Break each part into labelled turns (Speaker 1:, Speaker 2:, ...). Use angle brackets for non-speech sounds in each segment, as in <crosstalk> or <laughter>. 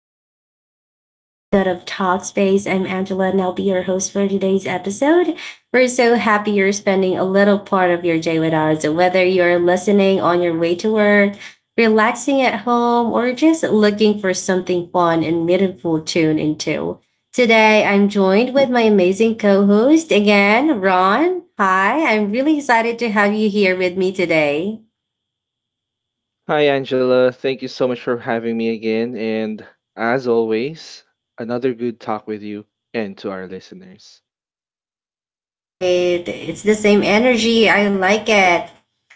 Speaker 1: welcome to another episode of Talk Space. I'm Angela, and I'll be your host for today's episode. We're so happy you're spending a little part of your day with us, whether you're listening on your way to work, relaxing at home, or just looking for something fun and meaningful to tune into. Today, I'm joined with my amazing co host again, Ron. Hi, I'm really excited to have you here with me today.
Speaker 2: Hi, Angela. Thank you so much for having me again. And as always, another good talk with you and to our listeners.
Speaker 1: All right. It's the same energy. I like it.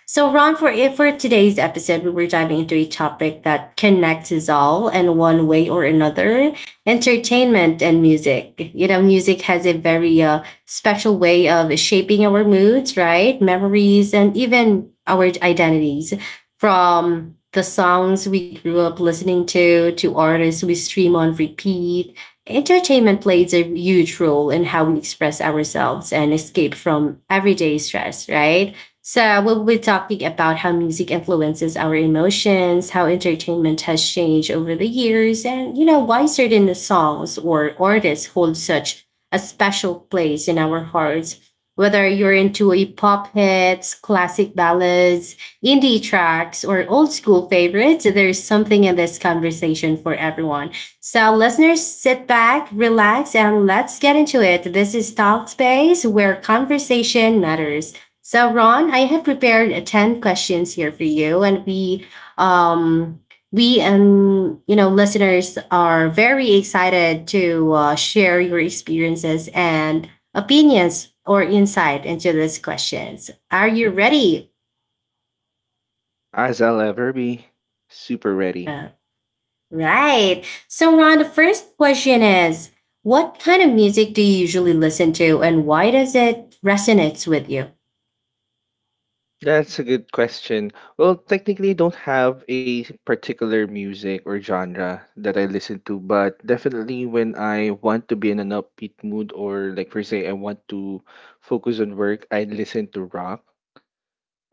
Speaker 1: So, Ron, for if for today's episode, we were diving into a topic that connects us all in one way or another: entertainment and music. You know, music has a very special way of shaping our moods, right? Memories and even our identities. From the songs we grew up listening to artists we stream on repeat. Entertainment plays a huge role in how we express ourselves and escape from everyday stress, right? So, we'll be talking about how music influences our emotions, how entertainment has changed over the years, and you know, why certain songs or artists hold such a special place in our hearts. Whether you're into a pop hits, classic ballads, indie tracks, or old school favorites, there's something in this conversation for everyone. So, listeners, sit back, relax, and let's get into it. This is Talk Space, where conversation matters. So, Ron, I have prepared ten questions here for you, and um, we and you know, listeners are very excited to share your experiences and opinions or insight into these questions. Are you ready?
Speaker 2: As I'll ever be, super ready.
Speaker 1: Right. So, Ron, the first question is, what kind of music do you usually listen to, and why does it resonate with you?
Speaker 2: That's a good question. Well, technically, I don't have a particular music or genre that I listen to, but definitely when I want to be in an upbeat mood or, like, per se, I want to focus on work, I listen to rock.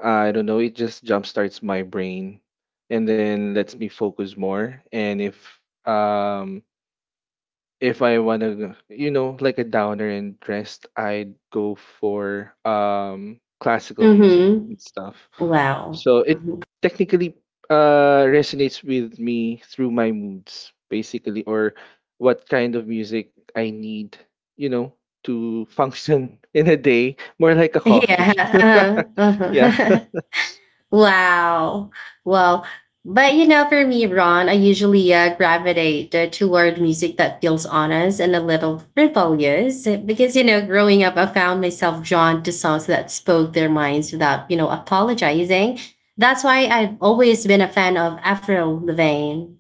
Speaker 2: I don't know, it just jumpstarts my brain and then lets me focus more. And if I wanna like a downer and rest, I'd go for classical
Speaker 1: Mm
Speaker 2: music and
Speaker 1: hmm.
Speaker 2: stuff.
Speaker 1: Wow.
Speaker 2: So it
Speaker 1: Mhm. <laughs>
Speaker 2: technically resonates with me through my moods, basically, or what kind of music I need, you know, to function <laughs> in a day. More like a coffee.
Speaker 1: Yeah.
Speaker 2: <laughs>
Speaker 1: Uh-huh.
Speaker 2: yeah.
Speaker 1: Uh-huh. <laughs> Wow. Well, but you know, for me, Ron, I usually gravitate toward music that feels honest and a little rebellious because, you know, growing up, I found myself drawn to songs that spoke their minds without, you know, apologizing. That's why I've always been a fan of Avril Lavigne.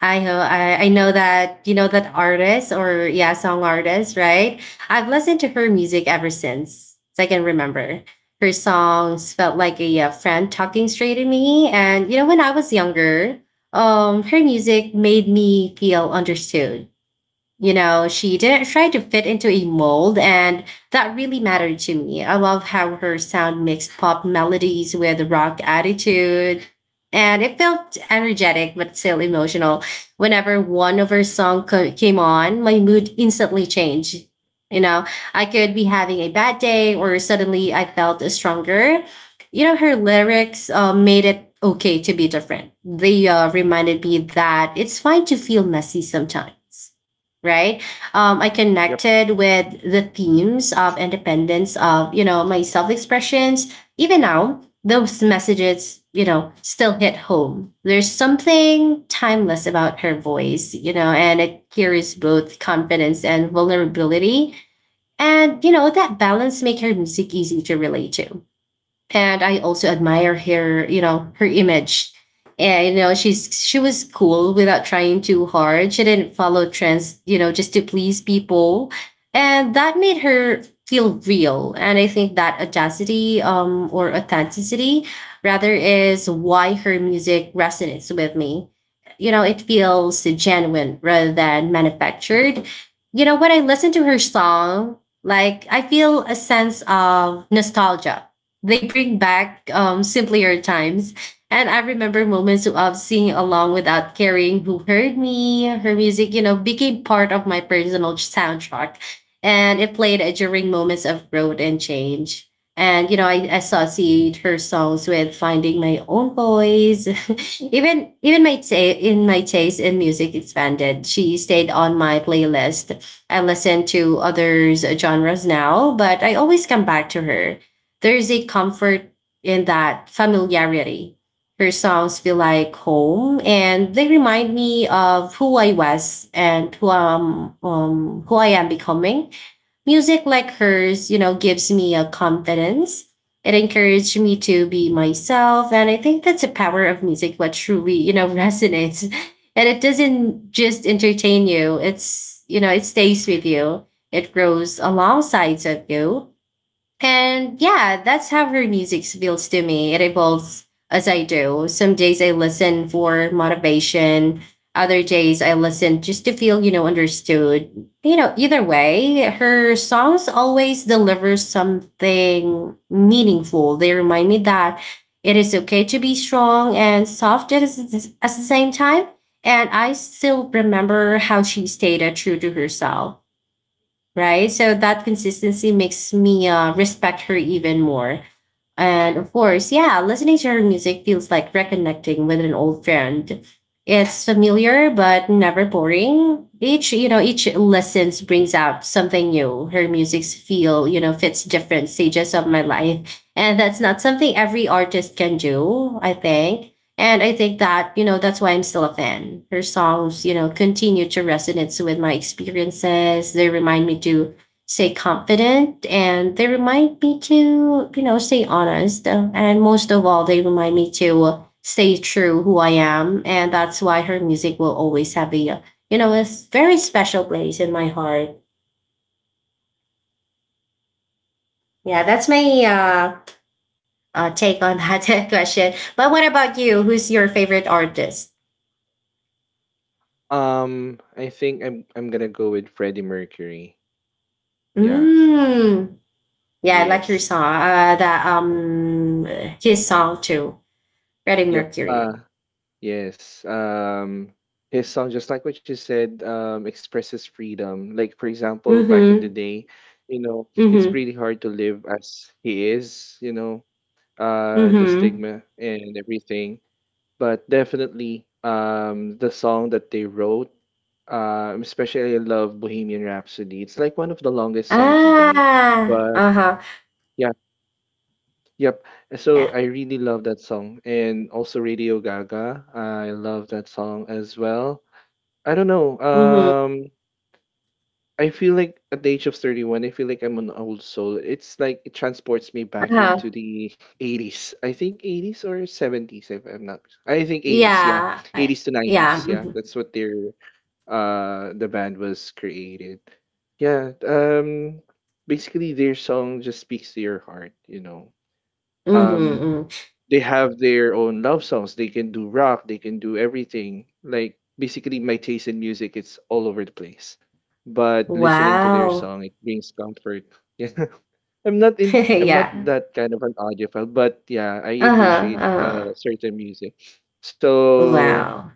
Speaker 1: I know that you know that artist, or yeah, song artist, right? I've listened to her music ever since I can remember. Her songs felt like a, uh, friend talking straight to me, and you know, when I was younger, her music made me feel understood. You know, she didn't try to fit into a mold, and that really mattered to me. I love how her sound mixed pop melodies with rock attitude, and it felt energetic but still emotional. Whenever one of her songs came on, my mood instantly changed. You know, I could be having a bad day, or suddenly I felt stronger. You know, her lyrics made it okay to be different. They reminded me that it's fine to feel messy sometimes, right? I
Speaker 2: <laughs>
Speaker 1: connected with the themes of independence, of you know, my self expressions. Even now, those messages, you know, still hit home. There's something timeless about her voice, you know, and it carries both confidence and vulnerability. And you know, that balance make her music easy to relate to, and I also admire her, you know, her image. And you know, she was cool without trying too hard. She didn't follow trends, you know, just to please people. And that made her feel real. And I think that audacity, or authenticity rather, is why her music resonates with me. You know, it feels genuine rather than manufactured. You know, when I listen to her song, like I feel a sense of nostalgia, they bring back simpler times. And I remember moments of singing along without caring who heard me. Her music, you know, became part of my personal soundtrack. And it played during moments of growth and change. And, you know, I associate her songs with finding my own voice. <laughs> Even my ta- in my taste in music expanded. She stayed on my playlist. I listen to others genres now, but I always come back to her. There's a comfort in that familiarity. Her songs feel like home, and they remind me of who I was and who I am becoming. Music like hers, you know, gives me a confidence. It encouraged me to be myself, and I think that's the power of music, what truly, you know, <laughs> resonates. And it doesn't just entertain you. It's, you know, it stays with you. It grows alongside of you, and yeah, that's how her music feels to me. It evolves as I do. Some days I listen for motivation. Other days I listen just to feel, you know, understood. You know, either way, her songs always deliver something meaningful. They remind me that it is okay to be strong and soft at, at the same time. And I still remember how she stayed true to herself, right? So that consistency makes me respect her even more. And of course, yeah, listening to her music feels like reconnecting with an old friend. It's familiar but never boring. Each, you know, each listens brings out something new. Her music's feel, you know, fits different stages of my life. And that's not something every artist can do, I think. And I think that, you know, that's why I'm still a fan. Her songs, you know, continue to resonate with my experiences. They remind me to stay confident, and they remind me to, you know, stay honest. And most of all, they remind me to stay true who I am, and that's why her music will always have a very special place in my heart. Yeah, that's my take on <laughs> that question, but what about you? Who's your favorite artist?
Speaker 2: I think I'm gonna go with Freddie Mercury. Yeah.
Speaker 1: mm yeah, I like your
Speaker 2: Yes.
Speaker 1: song, that his song too. Freddie
Speaker 2: Yep.
Speaker 1: Mercury.
Speaker 2: Yes. His song, just like what you said, expresses freedom. Like, for example, back in the
Speaker 1: Mm-hmm.
Speaker 2: day, you know, it's
Speaker 1: Mm-hmm.
Speaker 2: pretty hard to live as he is, you know, the
Speaker 1: Mm-hmm.
Speaker 2: stigma and everything. But definitely the song that they wrote, especially I love Bohemian Rhapsody. It's like one of the longest song to date.
Speaker 1: Ah,
Speaker 2: But
Speaker 1: uh-huh.
Speaker 2: yep. So
Speaker 1: Yeah.
Speaker 2: I really love that song and also Radio Gaga. I love that song as well. I don't know.
Speaker 1: Mhm.
Speaker 2: I feel like at the age of 31, I feel like I'm an old soul. It's like it transports me back
Speaker 1: Uh-huh.
Speaker 2: into the 80s. I think 80s or 70s if I'm not. I think 80s, yeah.
Speaker 1: Yeah, I.
Speaker 2: 80s to
Speaker 1: Yeah.
Speaker 2: 90s, yeah.
Speaker 1: Mhm.
Speaker 2: That's what their the band was created. Yeah, basically their song just speaks to your heart, you know.
Speaker 1: Mhm.
Speaker 2: Um
Speaker 1: Mm.
Speaker 2: they have their own love songs. They can do rock, they can do everything. Like basically my taste in music, it's all over the place. But listening to their
Speaker 1: Wow.
Speaker 2: song it brings comfort. <laughs> Yeah.
Speaker 1: <laughs>
Speaker 2: I'm not
Speaker 1: Yeah.
Speaker 2: that kind of an audiophile, but yeah, I
Speaker 1: Uh-huh.
Speaker 2: appreciate
Speaker 1: Uh-huh.
Speaker 2: certain music. So
Speaker 1: Wow.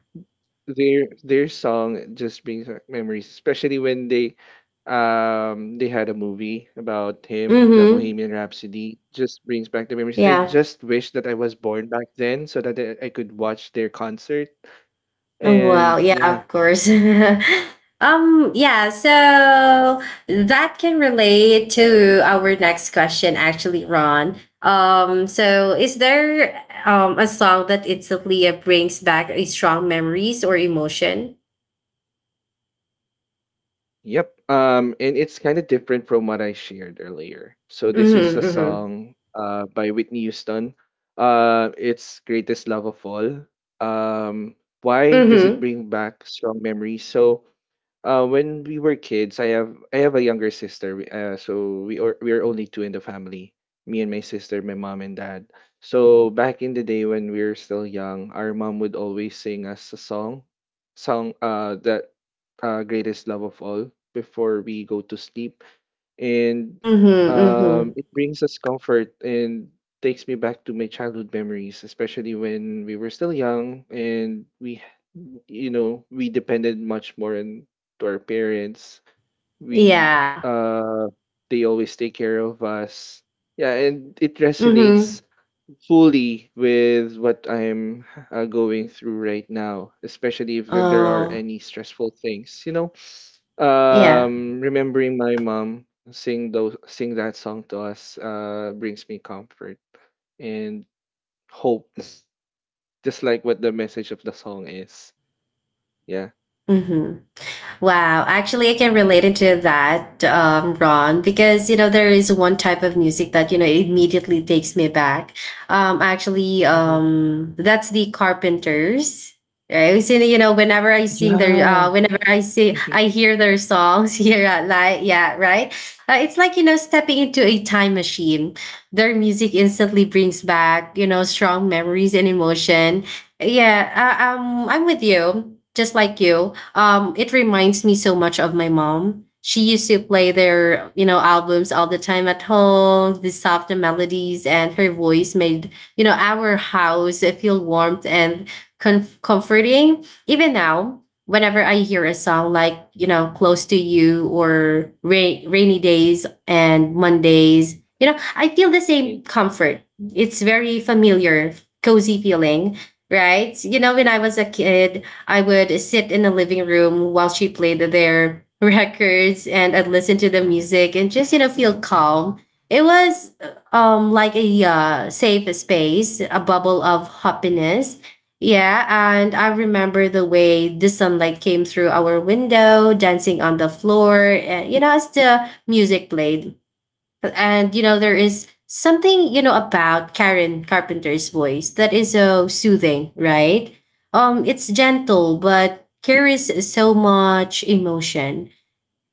Speaker 2: their song just brings back memories, especially when they had a movie about him, the
Speaker 1: Mhm.
Speaker 2: Bohemian Rhapsody. Just brings back the memories. I
Speaker 1: Yeah.
Speaker 2: just wish that I was born back then so that I could watch their concert.
Speaker 1: Oh, wow,
Speaker 2: And
Speaker 1: yeah,
Speaker 2: yeah,
Speaker 1: of course. <laughs> Yeah, so that can relate to our next question, actually, Ron. So is there a song that instantly brings back a strong memories or emotion?
Speaker 2: yep. And it's kind of different from what I shared earlier. So this
Speaker 1: Mhm,
Speaker 2: is a
Speaker 1: mhm.
Speaker 2: song by Whitney Houston. It's Greatest Love of All. Um, why does it
Speaker 1: Mhm.
Speaker 2: bring back strong memories? So when we were kids, I have a younger sister. So we are only two in the family. Me and my sister, my mom and dad. So back in the day when we were still young, our mom would always sing us a song, song that greatest love of all before we go to sleep. And
Speaker 1: Mhm, mhm.
Speaker 2: it brings us comfort and takes me back to my childhood memories, especially when we were still young, and we, you know, we depended much more on to our parents. We
Speaker 1: Yeah.
Speaker 2: They always take care of us. Yeah, and it
Speaker 1: Mhm.
Speaker 2: resonates fully with what I'm going through right now, especially if there are
Speaker 1: Oh,
Speaker 2: any stressful things. You know,
Speaker 1: yeah.
Speaker 2: remembering my mom sing that song to us brings me comfort and hope, just like what the message of the song is. Yeah.
Speaker 1: Mhm. Wow, actually, I can relate into that, Ron, because you know, there is one type of music that you know, immediately takes me back. Actually,
Speaker 2: hmm
Speaker 1: that's the Carpenters. Right, so, you know, whenever I sing their,
Speaker 2: Yeah.
Speaker 1: whenever I see,
Speaker 2: Mhm.
Speaker 1: I hear their songs <laughs> here at night. Yeah, right. It's like you know, stepping into a time machine. Their music instantly brings back you know, strong memories and emotion. Yeah, I'm with you, just like you, it reminds me so much of my mom. She used to play their, you know, albums all the time at home, the soft melodies, and her voice made, you know, our house feel warm and comforting. Even now, whenever I hear a song like, you know, Close to You or Rainy Days and Mondays, you know, I feel the same
Speaker 2: It-
Speaker 1: comfort.
Speaker 2: mhm.
Speaker 1: It's very familiar, cozy feeling, right? You know, when I was a kid, I would sit in the living room while she played their <laughs> records, and I'd listen to the music and just, you know, feel calm. It was like a safe space, a bubble of happiness. Yeah, and I remember the way the sunlight came through our window, dancing on the floor, and you know, as the music played. And you know, there is something, you know, about Karen Carpenter's voice that is so soothing, right? It's gentle but carries so much emotion.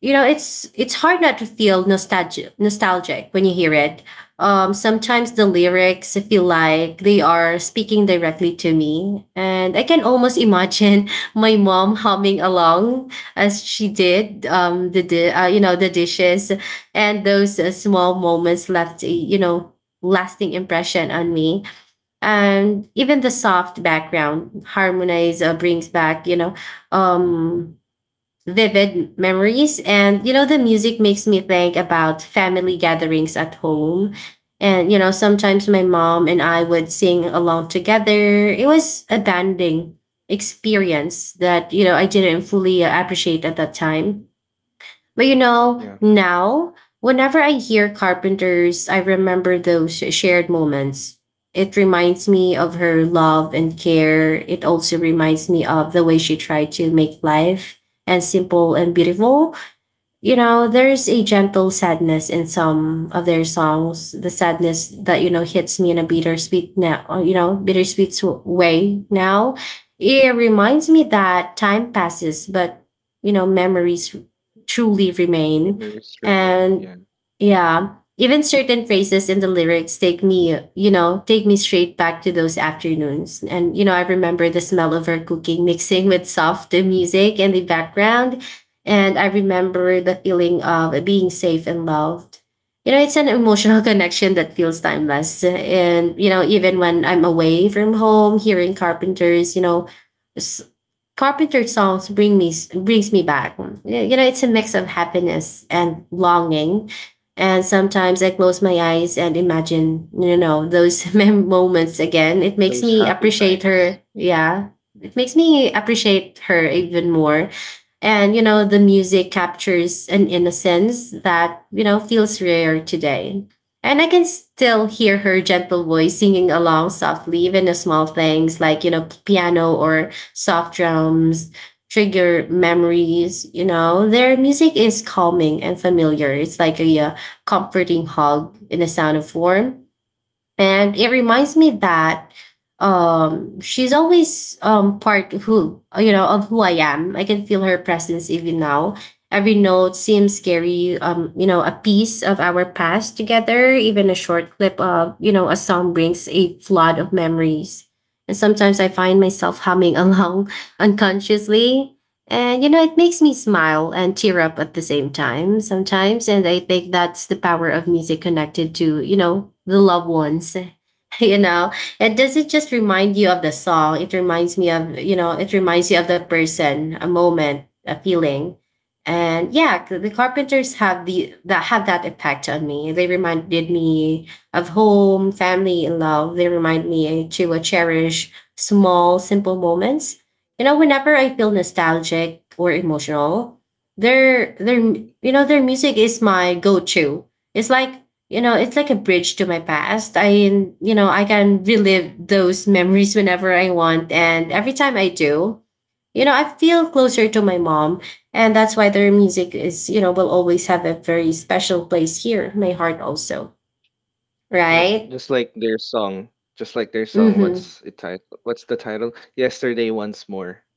Speaker 1: You know, it's hard not to feel nostalgic when you hear it. Um, sometimes the lyrics feel like they are speaking directly to me, and I can almost imagine <laughs> my mom humming along as she did, the you know, the dishes. And those small moments left a, you know, lasting impression on me. And even the soft background harmonize, brings back you know, um vivid memories. And, you know, the music makes me think about family gatherings at home. And, you know, sometimes my mom and I would sing along together. It was a bonding experience that, you know, I didn't fully appreciate at that time. But you know,
Speaker 2: Yeah.
Speaker 1: now, whenever I hear carpenters, I remember those shared moments. It reminds me of her love and care. It also reminds me of the way she tried to make life and simple and beautiful. You know, there's a gentle sadness in some of their songs. The sadness that, you know, hits me in a bittersweet now, you know, bittersweet way now. It reminds me that time passes, but, memories truly remain.
Speaker 2: Memories remain. Yeah.
Speaker 1: And yeah, even certain phrases in the lyrics take me straight back to those afternoons. And, I remember the smell of her cooking mixing with soft music in the background, and I remember the feeling of being safe and loved. It's an emotional <laughs> connection that feels timeless. And, even when I'm away from home, hearing carpenters, Carpenter songs bring me back. It's a mix of happiness and longing. And sometimes I close my eyes and imagine, those <laughs> moments again. It makes
Speaker 2: Those
Speaker 1: me
Speaker 2: happy
Speaker 1: appreciate
Speaker 2: times.
Speaker 1: her. Yeah. It makes me appreciate her even more. And, the music captures an innocence that, feels rare today. And I can still hear her gentle voice singing along softly. Even the small things like, piano or soft drums, trigger memories. Their music is calming and familiar. It's like a, comforting hug in a sound of warmth, and it reminds me that she's always part who you know of who I am. I can feel her presence even now. Every note seems scary, a piece of our past together. Even a short clip of, a song brings a flood of memories. And sometimes I find myself humming <laughs> along unconsciously. And, it makes me smile and tear up at the same time sometimes. And I think that's the power of music connected to, the loved ones. <laughs> You know, it doesn't just remind you of the song, it reminds you of the person, a moment, a feeling. And yeah, the carpenters have that effect on me. They reminded me of home, family, and love. They remind me to, cherish small, simple moments. Whenever I feel nostalgic or emotional, their you know their music is my go-to. It's like, it's like a bridge to my past. I you know I can relive those memories whenever I want, and every time I do, I feel closer to my mom, and that's why their music is you know will always have a very special place here in my heart also,
Speaker 2: Yep.
Speaker 1: right?
Speaker 2: Just like their song. Just like their song.
Speaker 1: Mm-hmm.
Speaker 2: What's it title? What's the title? Yesterday once more. <laughs>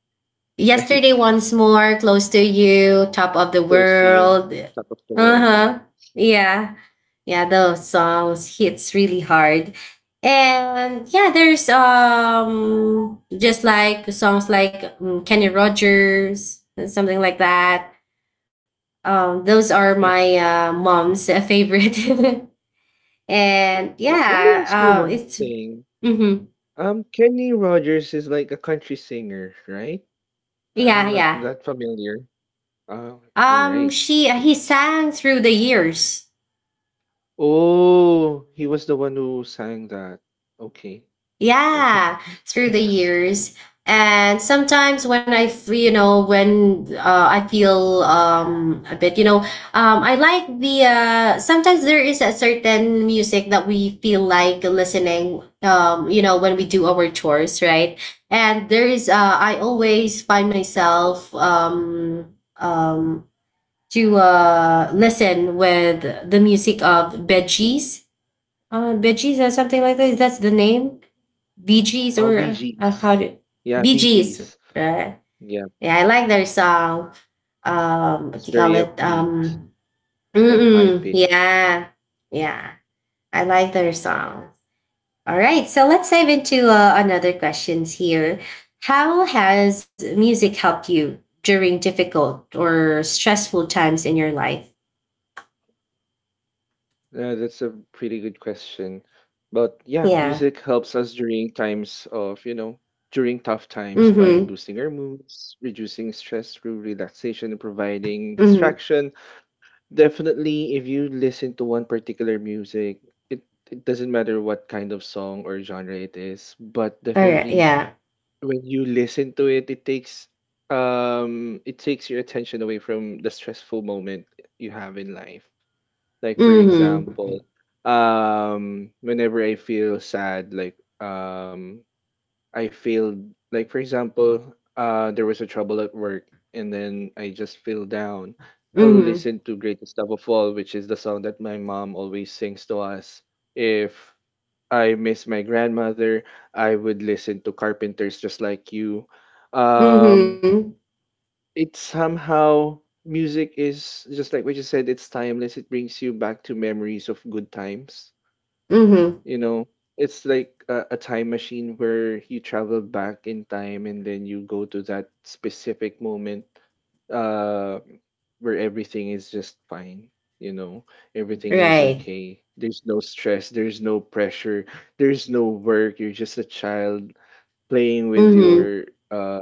Speaker 2: Right?
Speaker 1: Yesterday once more, close to you, top of the
Speaker 2: Close to you.
Speaker 1: world.
Speaker 2: Top of the world. Yeah.
Speaker 1: Uh-huh. Yeah. Yeah, those songs hits really hard. And yeah, there's, just like songs like, Kenny Rogers, something like that. Those are
Speaker 2: Yep.
Speaker 1: my, mom's, favorite. <laughs> And
Speaker 2: Yep.
Speaker 1: yeah,
Speaker 2: Let me ask you one
Speaker 1: it's...
Speaker 2: thing.
Speaker 1: Mm-hmm.
Speaker 2: Kenny Rogers is like a country singer, right? I'm
Speaker 1: Yeah,
Speaker 2: not
Speaker 1: yeah.
Speaker 2: that familiar. Oh, all right. Thank
Speaker 1: She
Speaker 2: you.
Speaker 1: he sang through the years.
Speaker 2: Oh, he was the one who sang that. Okay. All right.
Speaker 1: Yeah.
Speaker 2: <laughs>
Speaker 1: Through the years. And sometimes when I when, I feel, a bit, I like the, sometimes there is a certain music that we feel like listening, when we do our chores, right? And there is, I always find myself, to, listen with the music of veggies. Veggies or something like that, that's the name. BGs,
Speaker 2: Oh, Bee
Speaker 1: or,
Speaker 2: Gees.
Speaker 1: how do
Speaker 2: Yeah, Bee
Speaker 1: BGs?
Speaker 2: Gees. Yeah,
Speaker 1: Yeah, I like their song.
Speaker 2: it's
Speaker 1: What do you
Speaker 2: very
Speaker 1: call it?
Speaker 2: upbeat and high
Speaker 1: Mm-mm,
Speaker 2: pitched.
Speaker 1: yeah, yeah, I like their song. All right, so let's dive into, another questions here. How has music helped you during difficult or stressful times in your life?
Speaker 2: Yeah, that's a pretty good question. But yeah,
Speaker 1: Yeah.
Speaker 2: music helps us during times of, you know, during tough times by
Speaker 1: Mm-hmm.
Speaker 2: boosting our moods, reducing stress through relaxation, and providing
Speaker 1: Mm-hmm.
Speaker 2: distraction. Definitely, if you listen to one particular music, it, it doesn't matter what kind of song or genre it is, but
Speaker 1: All right.
Speaker 2: definitely if,
Speaker 1: Yeah.
Speaker 2: when you listen to it, it takes it takes your attention away from the stressful moment you have in life. Like, for example,
Speaker 1: Mm-hmm.
Speaker 2: whenever I feel sad, like I feel like for example, there was a trouble at work, and then I just feel down. I'll
Speaker 1: Mm-hmm.
Speaker 2: listen to "Greatest Love of All," which is the song that my mom always sings to us. If I miss my grandmother, I would listen to Carpenters just like you. Um,
Speaker 1: Mm-hmm.
Speaker 2: it's somehow music is just like what you said, it's timeless. It brings you back to memories of good times.
Speaker 1: Mm-hmm.
Speaker 2: You know, it's like a time machine where you travel back in time and then you go to that specific moment uh where everything is just fine. You know, everything is
Speaker 1: Right.
Speaker 2: okay. There's no stress, there's no pressure, there's no work. You're just a child playing with
Speaker 1: Mm-hmm.
Speaker 2: your uh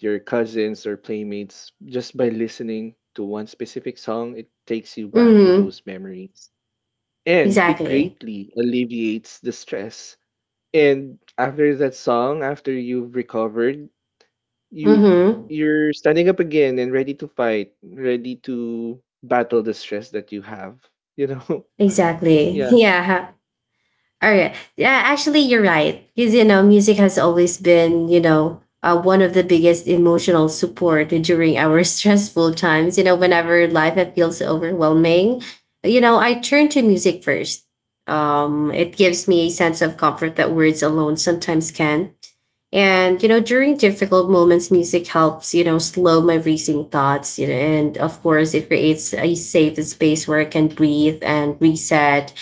Speaker 2: cousins or playmates. Just by listening to one specific song it takes you back to
Speaker 1: Mm-hmm.
Speaker 2: those memories, and it
Speaker 1: Exactly.
Speaker 2: greatly alleviates the stress. And after that song, after you've recovered, you
Speaker 1: Mm-hmm.
Speaker 2: you're standing up again and ready to fight, ready to battle the stress that you have, you know. <laughs>
Speaker 1: Exactly. <laughs>
Speaker 2: Yeah,
Speaker 1: Yeah. All right. Yeah, actually you're right. Because, music has always been, one of the biggest emotional support during our <laughs> stressful times. Whenever life feels overwhelming, I turn to music first. It gives me a sense of comfort that words alone sometimes can. And, during difficult moments, music helps, slow my racing thoughts, and of course, it creates a safe space where I can breathe and reset.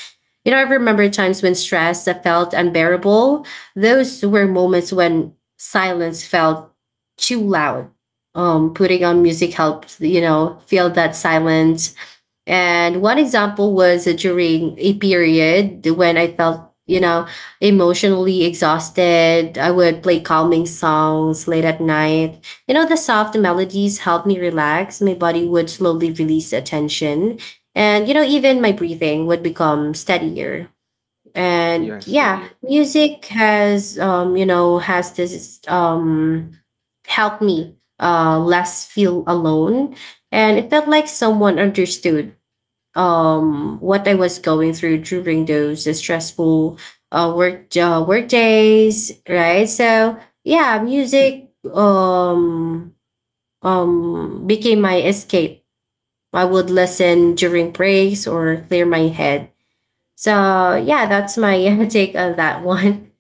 Speaker 1: I remember times when stress that felt unbearable. Those were moments when silence felt too loud. Putting on music helped, feel that silence. And one example was during a period when I felt, you know, emotionally exhausted. I would play calming songs late at night. The soft melodies helped me relax. My body would slowly release the tension. And, even my breathing would become steadier. And
Speaker 2: yes
Speaker 1: yeah,
Speaker 2: indeed.
Speaker 1: music has, you know, has this helped me, less feel alone. And it felt like someone understood, what I was going through during those stressful, work, work days, right? So yeah, music became my escape. I would listen during breaks or clear my head. So yeah, that's my <laughs> take on that one.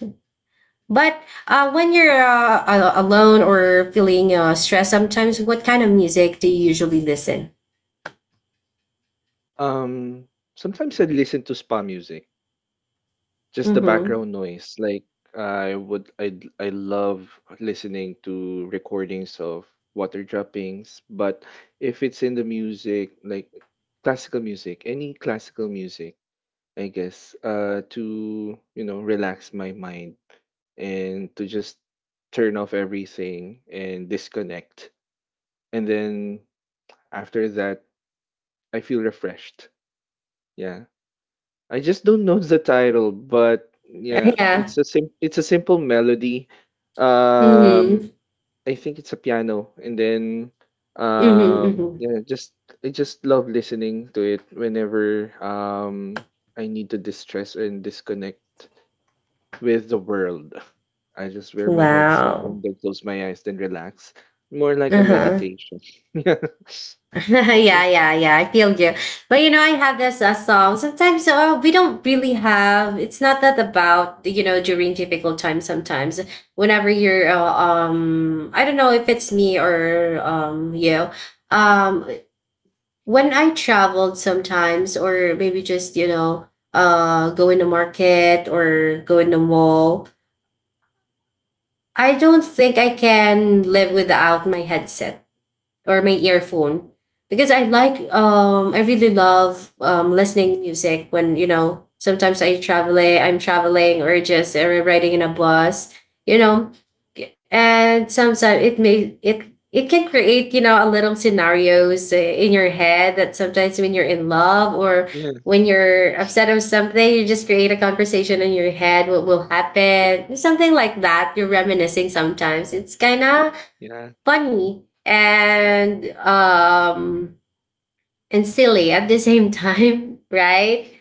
Speaker 1: But, when you're, alone or feeling, stressed, sometimes what kind of music do you usually listen?
Speaker 2: um Sometimes I listen to spa music, just the
Speaker 1: Mm-hmm.
Speaker 2: background noise. Like, I would I love listening to recordings of water droppings. But if it's in the music, like classical music, any classical music, I guess, to, you know, relax my mind and to just turn off everything and disconnect. And then after that I feel refreshed. Yeah. I just don't know the title, but
Speaker 1: <laughs>
Speaker 2: yeah,
Speaker 1: Yeah.
Speaker 2: it's a simple melody. Um,
Speaker 1: Mm-hmm.
Speaker 2: I think it's a piano, and then
Speaker 1: Mm-hmm. Mm-hmm.
Speaker 2: yeah, just I just love listening to it whenever I need to distress and disconnect with the world. I just wear my headset
Speaker 1: Wow.
Speaker 2: and then close my eyes, then relax. More like
Speaker 1: Uh
Speaker 2: a
Speaker 1: huh.
Speaker 2: meditation. <laughs>
Speaker 1: <laughs> Yeah,
Speaker 2: Yeah.
Speaker 1: yeah, yeah. I feel you. But, I have this, song. Sometimes, we don't really have. It's not that about, during difficult times. Sometimes whenever you're, I don't know if it's me or, you. Um, when I traveled sometimes, or maybe just, go in the market or go in the mall. I don't think I can live without my headset or my earphone, because I like, I really love, listening music when, sometimes I'm traveling, or just, riding in a bus, you know and sometimes it may it it can create, a little scenarios, in your head, that sometimes when you're in love, or
Speaker 2: Yeah,
Speaker 1: when you're upset or something, you just create a conversation in your head, what will happen, something like that, you're reminiscing. Sometimes it's kind of
Speaker 2: yeah,
Speaker 1: funny, and silly at the same time, <laughs> right?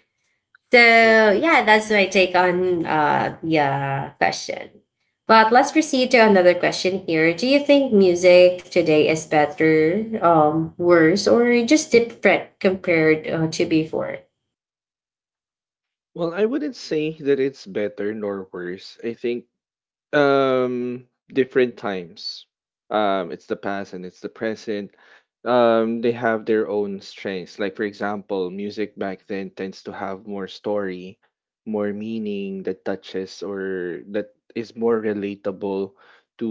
Speaker 1: So
Speaker 2: yep.
Speaker 1: yeah, that's my take on, the, question. But let's proceed to another question here. Do you think music today is better, worse, or just different compared, to before?
Speaker 2: Well, I wouldn't say that it's better nor worse. I think different times. It's the past and it's the present. They have their own strengths. Like, for example, music back then tends to have more story, more meaning that touches or that is more relatable to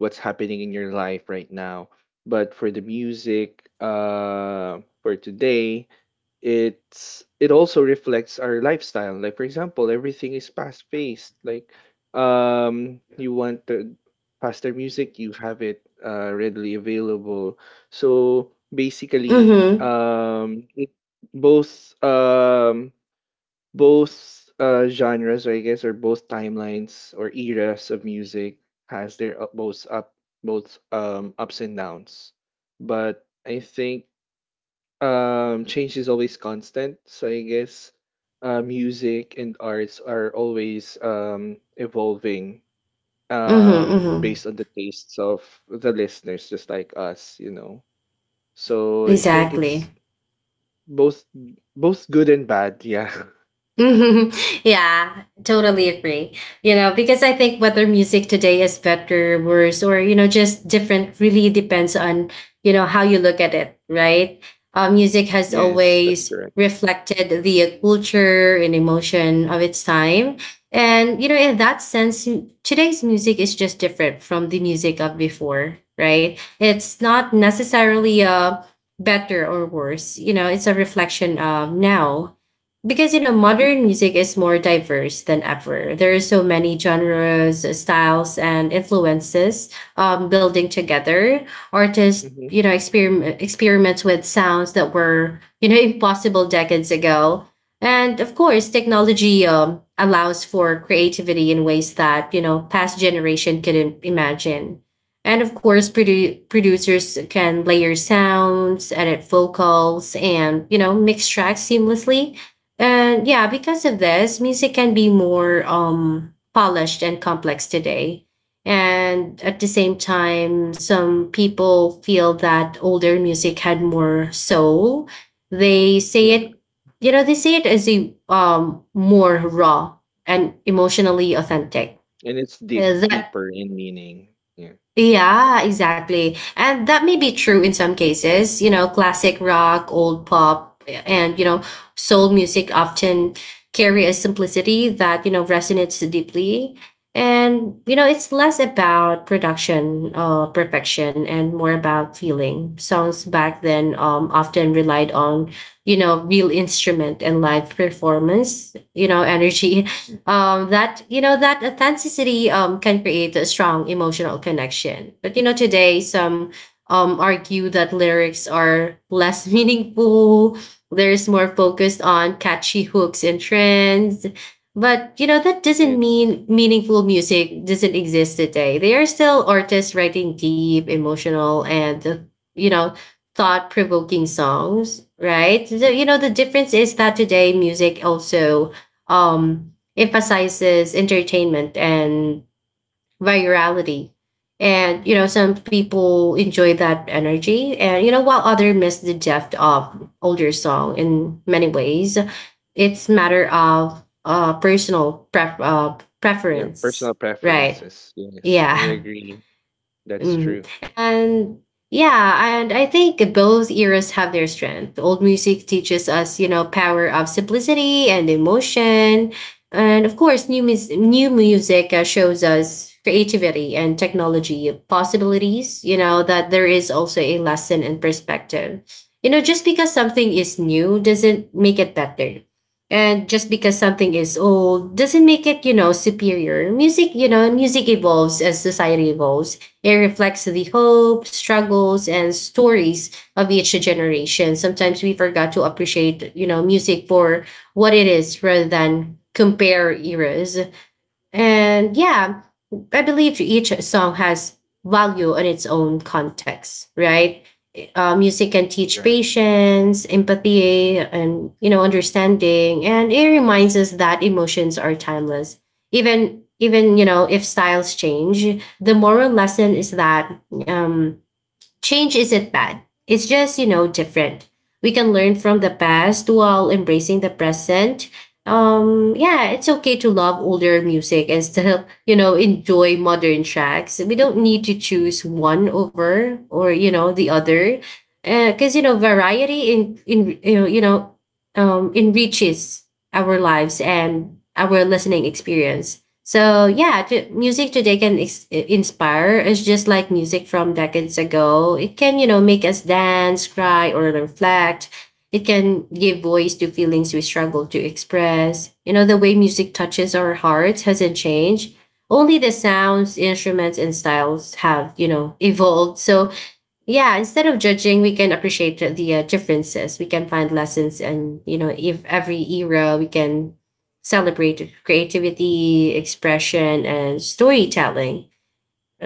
Speaker 2: what's happening in your life right now. But for the music, for today, it's it also reflects our lifestyle. Like, for example, everything is fast paced. Like, you want the faster music, you have it readily available. So basically,
Speaker 1: Mm-hmm.
Speaker 2: both both genres, or I guess, or both timelines or eras of music has their both up both ups and downs. But I think change is always constant. So I guess music and arts are always evolving
Speaker 1: Mm-hmm. Mm-hmm.
Speaker 2: based on the tastes of the listeners just like us, you know. So I think
Speaker 1: Exactly.
Speaker 2: it's both, both good and bad, yeah.
Speaker 1: Mhm. <laughs> Yeah, totally agree. Because I think whether music today is better, worse, or, just different really depends on, how you look at it, right? Music
Speaker 2: <laughs>
Speaker 1: has
Speaker 2: Yes, that's
Speaker 1: always
Speaker 2: correct.
Speaker 1: reflected the culture and emotion of its time. And, in that sense, today's music is just different from the music of before, right? It's not necessarily a better or worse, it's a reflection of now, because, modern music is more diverse than ever. There are so many genres, styles, and influences, building together. Artists,
Speaker 2: hmm
Speaker 1: experiment experiments with sounds that were, <laughs> impossible decades ago. And of course technology, allows for creativity in ways that, past generation couldn't imagine. And of course, producers can layer sounds, edit vocals, and, mix tracks seamlessly. And yeah, because of this, music can be more, polished and complex today. And at the same time, some people feel that older music had more soul. They say
Speaker 2: yeah,
Speaker 1: it, they say it as a, more raw and emotionally authentic.
Speaker 2: and it's
Speaker 1: That
Speaker 2: deeper in meaning, yeah.
Speaker 1: yeah, exactly. And that may be true in some cases. Classic rock, old pop, and, soul music often carry a simplicity that, resonates deeply. And, It's less about production, perfection, and more about feeling. Songs back then, often relied on, real instrument and live performance, energy, that you know that authenticity, can create a strong emotional connection. But, today some, argue that lyrics are less <laughs> meaningful. There's more focused on catchy hooks and trends. But, that doesn't
Speaker 2: it's
Speaker 1: mean meaningful music doesn't exist today. There are still artists writing deep emotional and, you know thought provoking songs, right? So, the difference is that today music also, um emphasizes entertainment and virality. And, some people enjoy that energy. And, while others miss the depth of older song. In many ways, it's matter of, personal,
Speaker 2: Yeah,
Speaker 1: preference,
Speaker 2: personal
Speaker 1: right?
Speaker 2: preferences, yes, I
Speaker 1: Yeah.
Speaker 2: agree. That's true.
Speaker 1: Mm. And yeah, and I think both eras have their strength. Old music teaches us, power of simplicity and emotion. And of course, new, new music, shows us creativity and technology possibilities, that there is also a lesson and perspective. Just because something is new doesn't make it better. And just because something is old doesn't make it, superior. Music evolves as society evolves. It reflects the hope, struggles, and stories of each generation. Sometimes we forgot to appreciate, music for what it is rather than compare eras. And yeah, I believe each song has value in its own context, right? Music can teach
Speaker 2: Yeah.
Speaker 1: patience, empathy, and understanding, and it reminds us that emotions are timeless. Even if styles change, the moral lesson is that um, change isn't bad, it's just, different. We can learn from the past while embracing the present. Yeah, it's okay to love older music and still, <laughs> enjoy modern tracks. We don't need to choose one over or, the other. Because,
Speaker 2: Mhm.
Speaker 1: variety in enriches our lives and our listening experience. So yeah, music today can inspire us just like music from decades ago. It can, make us dance, cry, or reflect. It can give voice to feelings we struggle to express. You know, the way music touches our hearts hasn't changed. Only the sounds, instruments, and styles have, evolved. So yeah, instead of judging, we can appreciate the differences. We can find lessons and if every era we can celebrate creativity, expression, and storytelling.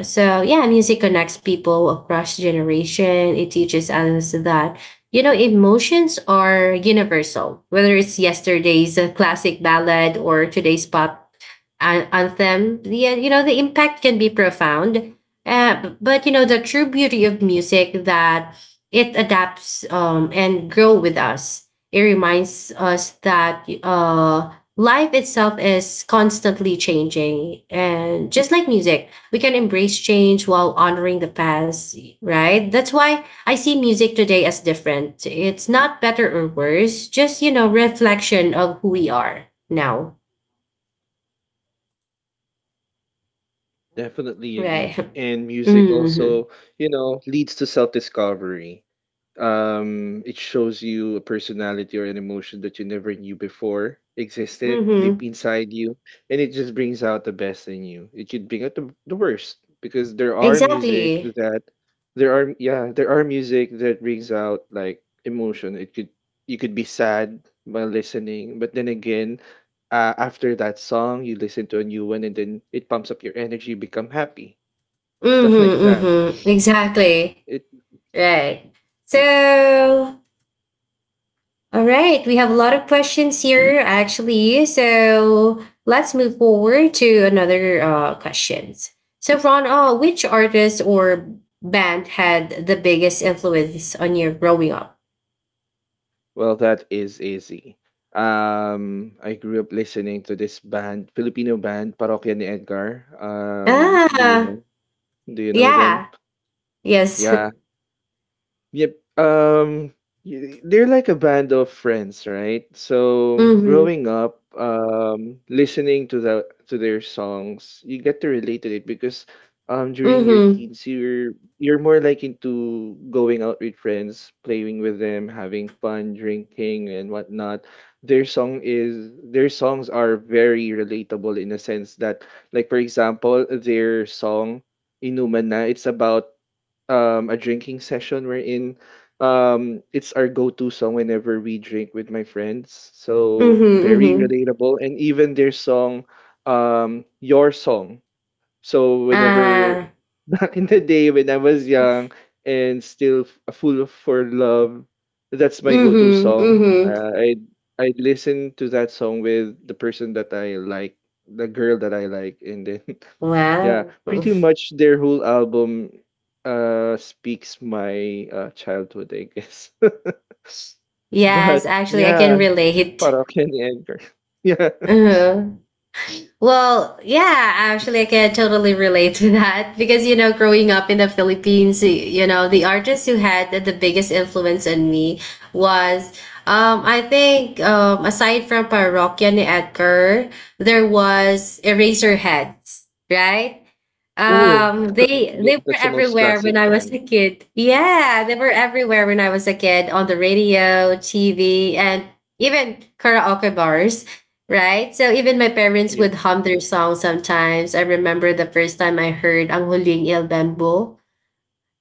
Speaker 1: So yeah, music connects people across generation. It teaches us that emotions are universal. Whether it's yesterday's classic ballad or today's pop anthem, yeah, the impact can be profound. But
Speaker 2: Yeah.
Speaker 1: the true beauty of music that it adapts and grow with us. It reminds us that life itself is constantly changing, and just like music we can embrace change while honoring the past, right? That's why I see music today as different. It's not better or worse, just, reflection of who we are now,
Speaker 2: Definitely
Speaker 1: right?
Speaker 2: agree.
Speaker 1: <laughs>
Speaker 2: And music
Speaker 1: Mm-hmm.
Speaker 2: also, you know, leads to self-discovery. It shows you a personality or an emotion that you never knew before existed deep
Speaker 1: Mm-hmm.
Speaker 2: inside you, and it just brings out the best in you. It could bring out the worst, because there are music
Speaker 1: Exactly.
Speaker 2: that there are yeah, there are music that brings out like emotion. It could, you could be sad while listening, but then again, after that song, you listen to a new one, and then it pumps up your energy, become happy, stuff <laughs>
Speaker 1: Mm-hmm.
Speaker 2: like that.
Speaker 1: Mm-hmm. Exactly.
Speaker 2: It
Speaker 1: Right. So All right, we have a lot of questions here actually. So let's move forward to another questions. So Ron, which artist or band had the biggest influence on your growing up?
Speaker 2: well, that is easy. I grew up listening to this band, Filipino band, Parokya ni Edgar. Do you
Speaker 1: Ah,
Speaker 2: know? Do you know them?
Speaker 1: yeah, yes. <laughs>
Speaker 2: Yeah, yep. They're like a band of friends, right? So
Speaker 1: Mm-hmm,
Speaker 2: growing up, listening to their songs, you get to relate to it because during your
Speaker 1: mm-hmm,
Speaker 2: teens, you're more like into going out with friends, playing with them, having fun, drinking and whatnot. Their songs are very relatable in a sense that, like, for example, their song Inumana, it's about a drinking session wherein it's our go-to song whenever we drink with my friends. So
Speaker 1: mm-hmm,
Speaker 2: very
Speaker 1: mm-hmm.
Speaker 2: relatable. And even their song Your Song. So whenever
Speaker 1: Ah,
Speaker 2: <laughs> back in the day when I was young and still full of for love, that's my go-to
Speaker 1: mm-hmm,
Speaker 2: song.
Speaker 1: mm-hmm.
Speaker 2: I listen to that song with the person that I like, the girl that I like and then yeah,
Speaker 1: Wow.
Speaker 2: pretty
Speaker 1: <laughs>
Speaker 2: much their whole album speaks my childhood, I guess. <laughs>
Speaker 1: Yes,
Speaker 2: But
Speaker 1: actually, I can
Speaker 2: yeah,
Speaker 1: relate.
Speaker 2: para Kenny Edgar. <laughs> Yeah.
Speaker 1: <laughs> Uh-huh. Well, yeah, actually, I can totally relate to that <laughs> because, you know, growing up in the Philippines, you know, the artists who had the biggest influence on me was, I think, aside from Parokya ni Edgar, there was Eraserheads, right?
Speaker 2: Oh,
Speaker 1: They were
Speaker 2: that's the most
Speaker 1: everywhere
Speaker 2: classic
Speaker 1: when I was a
Speaker 2: band.
Speaker 1: kid. Yeah, they were everywhere when I was a kid on the radio, TV, and even karaoke bars. Right? So even my parents
Speaker 2: Yeah,
Speaker 1: would hum their song sometimes. I remember the first time I heard Ang Huling Il Bambu.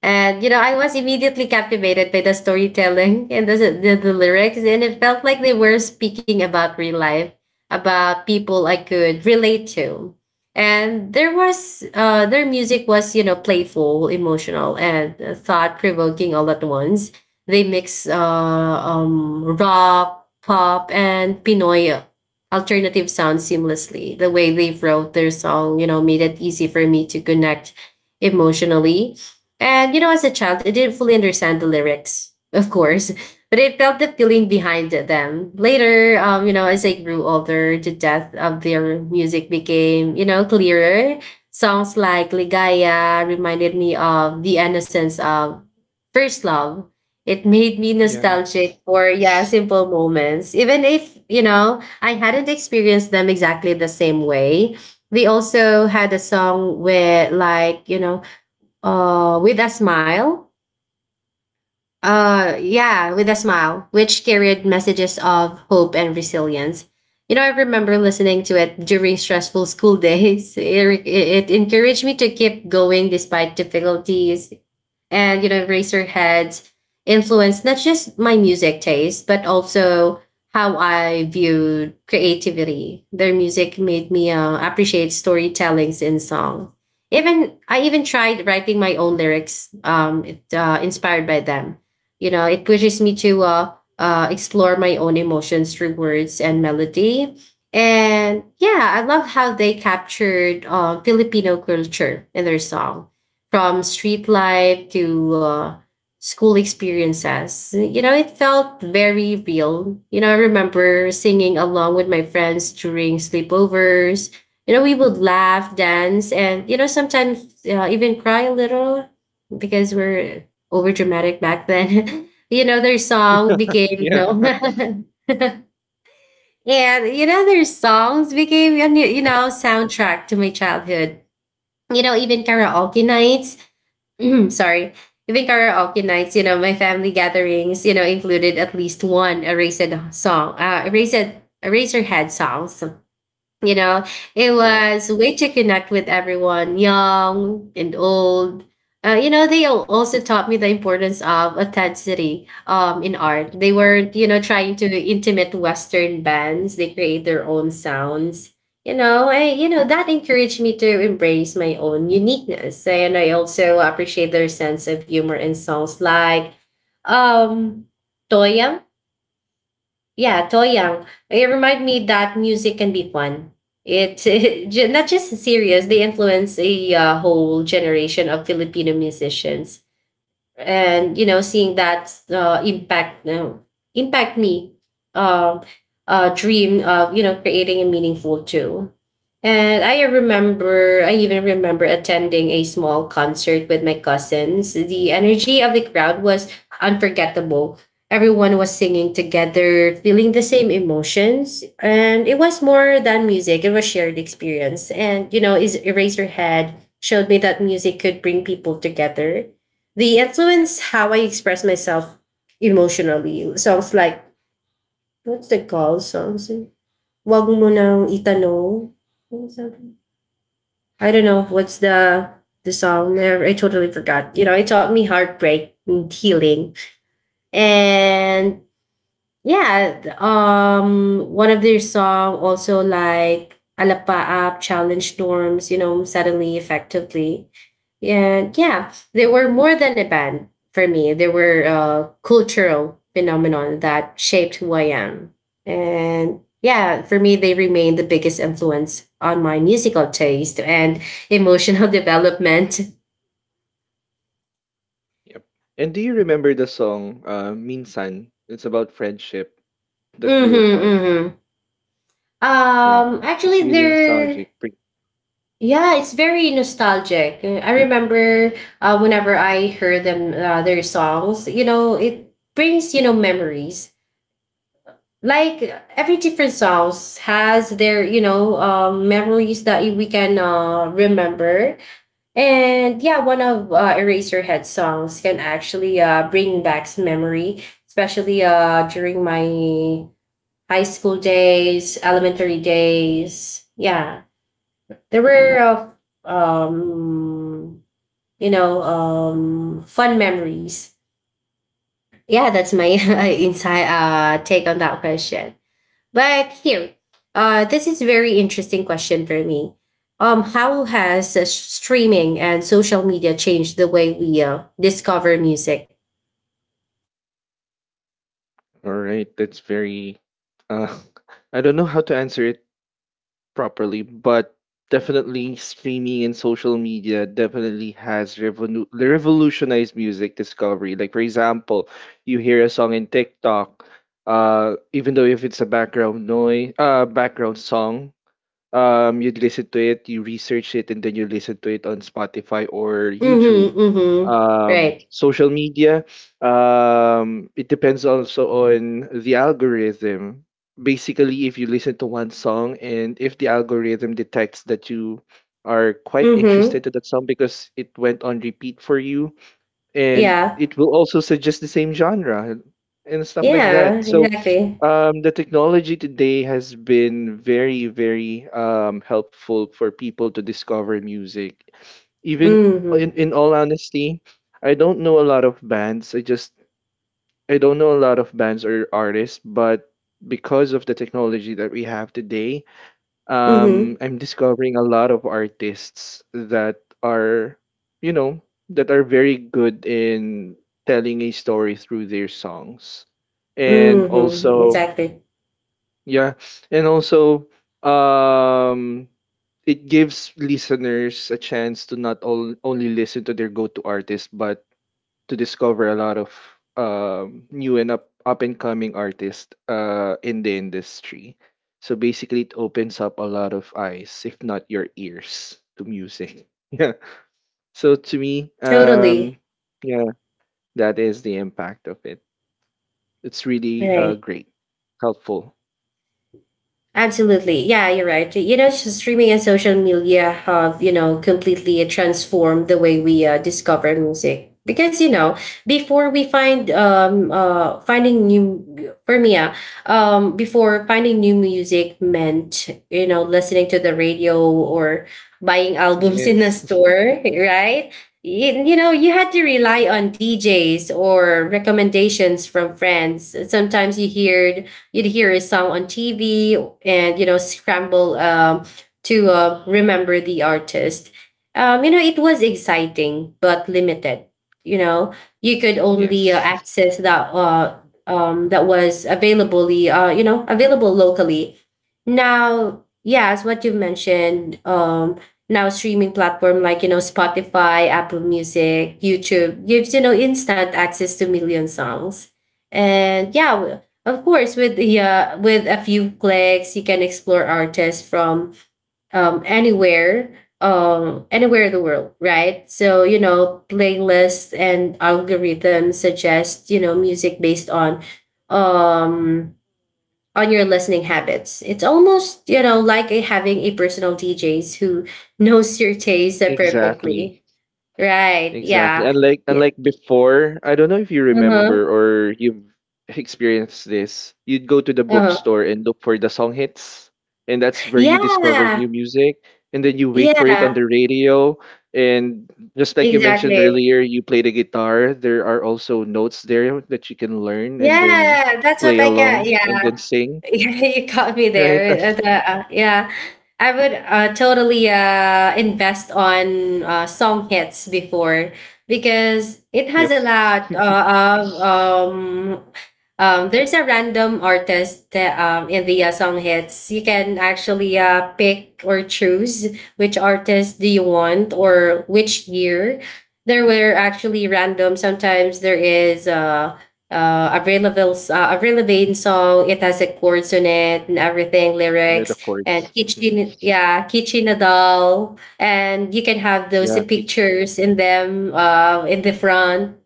Speaker 1: And you know, I was immediately captivated by the storytelling and the lyrics, and it felt like they were speaking about real life, about people I could relate to. And there was their music was, playful, emotional, and thought provoking all at once. They mix rock, pop, and Pinoy alternative sounds seamlessly. The way they wrote their song, made it easy for me to connect emotionally, and as a child, I didn't fully understand the lyrics, of course, but I felt the feeling behind them. Later, you know, as I grew older, the depth of their music became, clearer. Songs like Ligaya reminded me of the innocence of first love. It made me
Speaker 2: yeah,
Speaker 1: nostalgic for, yeah, simple moments. Even if, I hadn't experienced them exactly the same way. They also had a song where, like, you know, with a smile. Yeah, with a smile, which carried messages of hope and resilience. You know, I remember listening to it during stressful school days. <laughs> It encouraged me to keep going despite difficulties, and you know Razorheads influence not just my music taste but also how I viewed creativity. Their music made me appreciate storytellings in song. Even tried writing my own lyrics, inspired by them. You know, it pushes me to explore my own emotions through words and melody. And yeah, I love how they captured Filipino culture in their song, from street life to school experiences. You know, it felt very real. You know, I remember singing along with my friends during sleepovers. You know, we would laugh, dance, and, sometimes even cry a little because we're over dramatic back then. <laughs> you know, their song became, you
Speaker 2: yeah,
Speaker 1: know, <laughs> and, their songs became, soundtrack to my childhood. You know, even karaoke nights. Mhm, sorry. I think karaoke nights, my family gatherings, included at least one song, uh, Erased, Eraserhead songs, you know, it
Speaker 2: yeah,
Speaker 1: was a way to connect with everyone, young and old. You know, they also taught me the importance of authenticity in art. They weren't, trying to intimate Western bands. They create their own sounds. You know that encouraged me to embrace my own uniqueness, and I also appreciate their sense of humor in songs like um, Toyam yeah, Toyang. It remind me that music can be fun. It <laughs> not just serious. They influence a whole generation of Filipino musicians, and you know seeing that impact me uh, dream of you know creating a meaningful too. And I remember I even remember attending a small concert with my cousins. The energy of the crowd was unforgettable. Everyone was singing together feeling the same emotions, and it was more than music, it was shared experience. And you know is Eraserhead showed me that music could bring people together. They influence how I express myself emotionally. Songs like, what's the call songs? Wag mo nang itanong. I don't know. What's the song? I totally forgot. You know, it taught me heartbreak and healing. And yeah, one of their song also like Alapaap challenged norms, you know, suddenly effectively. And yeah, they were more than a band for me. They were a cultural phenomenon that shaped who I am. And yeah, for me, they remain the biggest influence on my musical taste and emotional <laughs> development.
Speaker 2: yep. And do you remember the song Minsan? It's about friendship that
Speaker 1: Mm-hmm,
Speaker 2: grew apart.
Speaker 1: mm-hmm.
Speaker 2: Yeah. It's
Speaker 1: Actually,
Speaker 2: really
Speaker 1: they're
Speaker 2: nostalgic. Pre-
Speaker 1: yeah, it's very nostalgic. I remember whenever I heard them their songs, you know, it brings you know memories. Like every different songs has their you know memories that we can remember. And yeah, one of Eraserhead songs can actually bring back some memory, especially during my high school days, elementary days. Yeah there were uh, um you know fun memories. Yeah, that's my <laughs> inside take on that question. But here, this is very interesting question for me. How has streaming and social media changed the way we discover music?
Speaker 2: All right, that's very uh <laughs> I don't know how to answer it properly, but definitely streaming and social media definitely revolutionized music discovery. Like for example, you hear a song in TikTok, even though if it's a background noise, background song, you'd listen to it, you research it, and then you listen to it on Spotify or YouTube.
Speaker 1: Mm-hmm, mm-hmm. Right.
Speaker 2: Social media, it depends also on the algorithm. Basically, if you listen to one song and if the algorithm detects that you are quite interested
Speaker 1: Mm-hmm.
Speaker 2: to that song because it went on repeat for you, and
Speaker 1: Yeah.
Speaker 2: it will also suggest the same genre and stuff like
Speaker 1: Yeah,
Speaker 2: that. So
Speaker 1: exactly.
Speaker 2: the technology today has been very, very helpful for people to discover music. Even
Speaker 1: Mm-hmm,
Speaker 2: in all honesty, I don't know a lot of bands. I just I don't know a lot of bands or artists, but because of the technology that we have today,
Speaker 1: mm-hmm,
Speaker 2: I'm discovering a lot of artists that are, you know, that are very good in telling a story through their songs. And
Speaker 1: mm-hmm.
Speaker 2: also
Speaker 1: Exactly.
Speaker 2: yeah, and also um it gives listeners a chance to not all, only listen to their go-to artist but to discover a lot of new and up and coming artists in the industry. So basically it opens up a lot of eyes, if not your ears, to music. <laughs> Yeah. So to me,
Speaker 1: Totally.
Speaker 2: yeah, that is the impact of it. It's really
Speaker 1: Right.
Speaker 2: great, helpful.
Speaker 1: Absolutely. Yeah, you're right. You know, streaming and social media have, completely transformed the way we discover music. Because, you know, before we find finding new for me, before finding new music meant, listening to the radio or buying <laughs> albums in a
Speaker 2: Yes. <laughs>
Speaker 1: store, right? You know, you had to rely on DJs or recommendations from friends. Sometimes you'd hear a song on TV and you know scramble to remember the artist. You know, it was exciting but limited. You know, you could only
Speaker 2: Yes.
Speaker 1: access that was available, you know, available locally. Now, yeah, as what you mentioned, now streaming platform like you know Spotify, Apple Music, YouTube gives you know instant access to million songs, and yeah, of course, with a few clicks, you can explore artists from anywhere, anywhere in the world, right? So you know, playlists and algorithms suggest you know music based um, on your listening habits. It's almost you know like a, having a personal DJs who <laughs> knows your taste perfectly,
Speaker 2: Exactly.
Speaker 1: right?
Speaker 2: Exactly.
Speaker 1: Yeah.
Speaker 2: Unlike
Speaker 1: Yeah.
Speaker 2: unlike before, I don't know if you
Speaker 1: Uh huh.
Speaker 2: remember or you've experienced this. You'd go to the
Speaker 1: Uh huh.
Speaker 2: bookstore and look for the song hits, and that's where you discover
Speaker 1: Yeah.
Speaker 2: new music, and then you wait for it on
Speaker 1: Yeah.
Speaker 2: the radio. And just like you mentioned
Speaker 1: Exactly.
Speaker 2: earlier, you play the guitar. There are also notes there that you can learn and then
Speaker 1: Yeah, that's what
Speaker 2: play
Speaker 1: I get.
Speaker 2: along and
Speaker 1: Yeah,
Speaker 2: then sing,
Speaker 1: <laughs> you caught me
Speaker 2: right?
Speaker 1: there.
Speaker 2: <laughs>
Speaker 1: Yeah, I would totally invest on song hits before because it
Speaker 2: yeah.
Speaker 1: has a lot
Speaker 2: <laughs>
Speaker 1: of um. There's a random artist that in the song hits you can actually pick or choose which artist do you want or which year. There were actually random. Sometimes there is available relevant song. It has like words on it and everything,
Speaker 2: Yeah,
Speaker 1: lyrics
Speaker 2: the
Speaker 1: and
Speaker 2: chords. Mhm.
Speaker 1: kitchen. Yeah, kitchen doll, and you can have those
Speaker 2: Yeah, teach.
Speaker 1: pictures in them in the front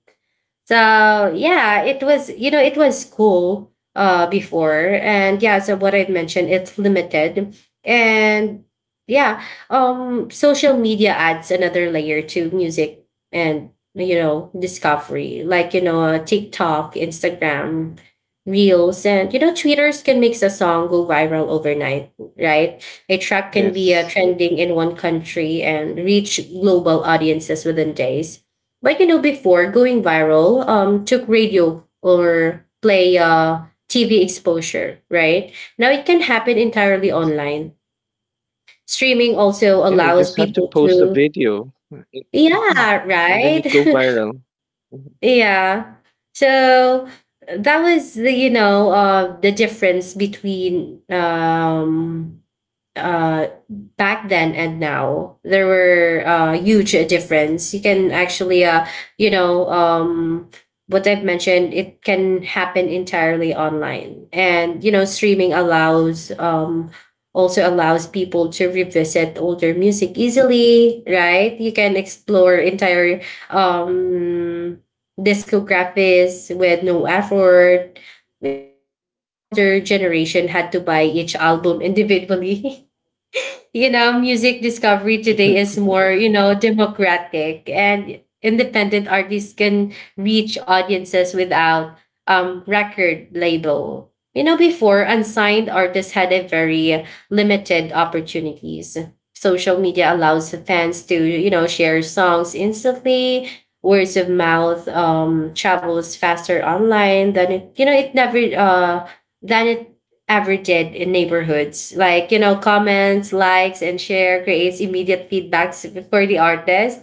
Speaker 1: so yeah, it was it was cool before. And yeah, so what I've mentioned, it's limited. And yeah, social media adds another layer to music and discovery, like TikTok, Instagram, Reels, and tweeters can make a song go viral overnight, right? A track can be
Speaker 2: Yes.
Speaker 1: trending in one country and reach global audiences within days, but you know, before going viral took radio or play TV exposure, right? Now it can happen entirely
Speaker 2: Yes.
Speaker 1: online. Streaming also
Speaker 2: Yeah, you
Speaker 1: allows
Speaker 2: just have to
Speaker 1: people
Speaker 2: post a
Speaker 1: to,
Speaker 2: video. It- mhm,
Speaker 1: yeah,
Speaker 2: and then you
Speaker 1: right?
Speaker 2: go viral. Mhm.
Speaker 1: <laughs> Yeah. So that was the, the difference between uh, back then and now. There were huge difference. You can actually you know um, what I've mentioned, it can happen entirely online. And streaming allows also allows people to revisit older music easily, right? You can explore entire um, discographies with no effort. You know, in contrast, older generation had to buy each album individually. <laughs> You know, music discovery today
Speaker 2: <laughs>
Speaker 1: is more, you know, democratic, and independent artists can reach audiences without record label. You know, before, unsigned artists had a very limited opportunities. Social media allows fans to, you know, share songs instantly. Words of mouth travels faster online than it, you know, it never than it ever did in neighborhoods. Like, you know, comments, likes, and share creates immediate feedbacks for the artist.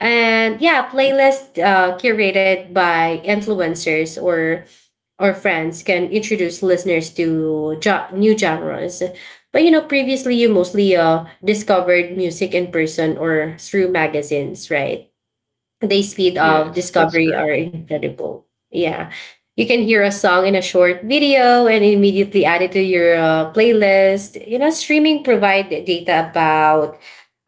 Speaker 1: And yeah, playlist curated by influencers or friends can introduce listeners to new genres. But you know, previously you mostly discovered music in person or through magazines, right? The speed of
Speaker 2: Yes, that's
Speaker 1: discovery
Speaker 2: correct.
Speaker 1: are incredible. Yeah. You can hear a song in a short video and immediately add it to your playlist. You know, streaming provide data about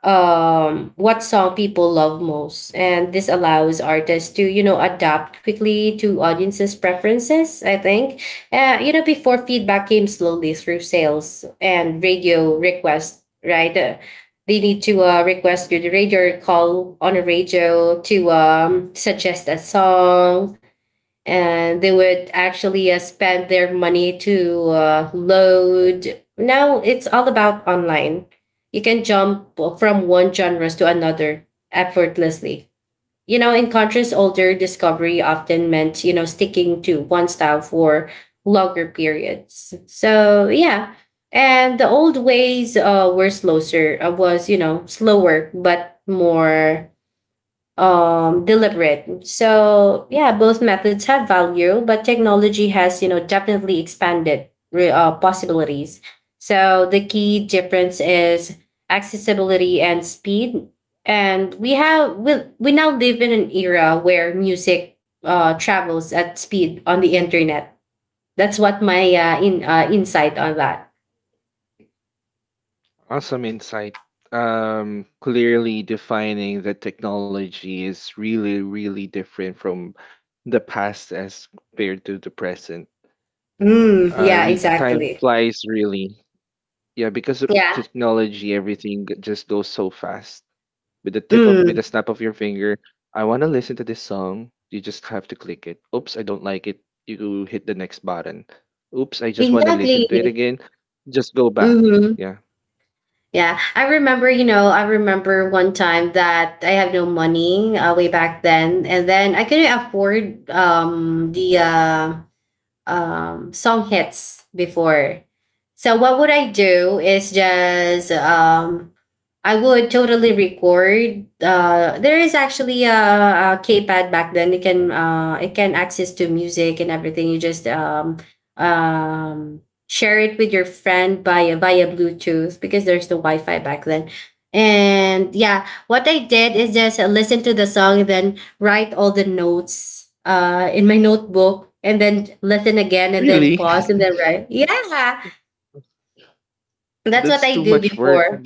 Speaker 1: what song people love most. And this allows artists to, you know, adapt quickly to audiences' preferences, I think. You know, before, feedback came slowly through sales and radio requests, right? They need to request through the radio or call on a radio to suggest a song, and they would actually spend their money to load. Now it's all about online. You can jump from one genres to another effortlessly. You know, in contrast, older discovery often meant, you know, sticking to one style for longer periods. So, yeah. And the old ways was, you know, slower, but more deliberate. So yeah, both methods have value, but technology has, you know, definitely expanded possibilities. So the key difference is accessibility and speed, and we now live in an era where music travels at speed on the internet. That's what my in insight on that.
Speaker 2: Awesome insight. Clearly defining that technology is really, really different from the past as compared to the present.
Speaker 1: Mm, yeah,
Speaker 2: Time
Speaker 1: exactly.
Speaker 2: flies really. Yeah, because of
Speaker 1: Yeah.
Speaker 2: technology, just goes so fast. With the tip of, with
Speaker 1: Mm,
Speaker 2: the snap of your finger. I want to listen to this song. You just have to click it. Oops, I don't like it. You hit the next button. Oops, I just want to listen
Speaker 1: exactly.
Speaker 2: to it again. Just go back.
Speaker 1: Hmm.
Speaker 2: Yeah.
Speaker 1: Yeah, I remember, you know, I remember one time that I had no money way back then, and then I couldn't afford the song hits before. So what would I do is just I would totally record. There is actually a K-pad back then. It can access to music and everything. You just um, share it with your friend by via Bluetooth because there's no Wi-Fi back then. And yeah, what I did is just listen to the song, then write all the notes in my notebook, and then listen again and then
Speaker 2: Really?
Speaker 1: pause and then write. Yeah,
Speaker 2: <laughs>
Speaker 1: that's what
Speaker 2: That's
Speaker 1: I
Speaker 2: too
Speaker 1: do
Speaker 2: much work.
Speaker 1: before.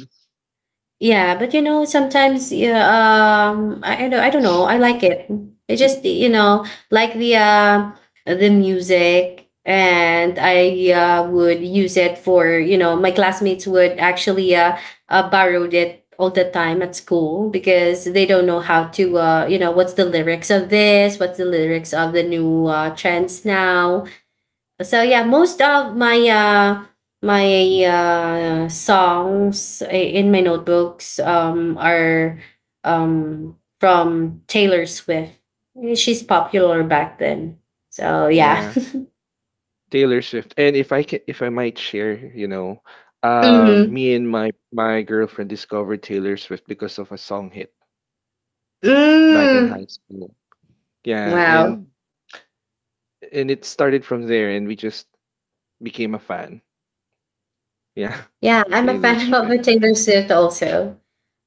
Speaker 1: Yeah, but you know, sometimes yeah, I don't know. I like it. It just, you know, like the music, and I would use it for, you know, my classmates would actually borrowed it all the time at school because they don't know how to you know, what's the lyrics of this, what's the lyrics of the new trends now. So yeah, most of my my songs in my notebooks are from Taylor Swift. She's popular back then. So yeah.
Speaker 2: Yeah. Taylor Swift. And if I can, if I might share, you know,
Speaker 1: <laughs>
Speaker 2: uh,
Speaker 1: Mm-hmm.
Speaker 2: me and my my girlfriend discovered Taylor Swift because of a song hit back in
Speaker 1: Mm.
Speaker 2: high school. Yeah,
Speaker 1: Wow.
Speaker 2: and it started from there and we just became a fan. Yeah,
Speaker 1: Yeah,
Speaker 2: <laughs>
Speaker 1: I'm a
Speaker 2: Taylor
Speaker 1: fan <laughs>
Speaker 2: Swift.
Speaker 1: of Taylor Swift also.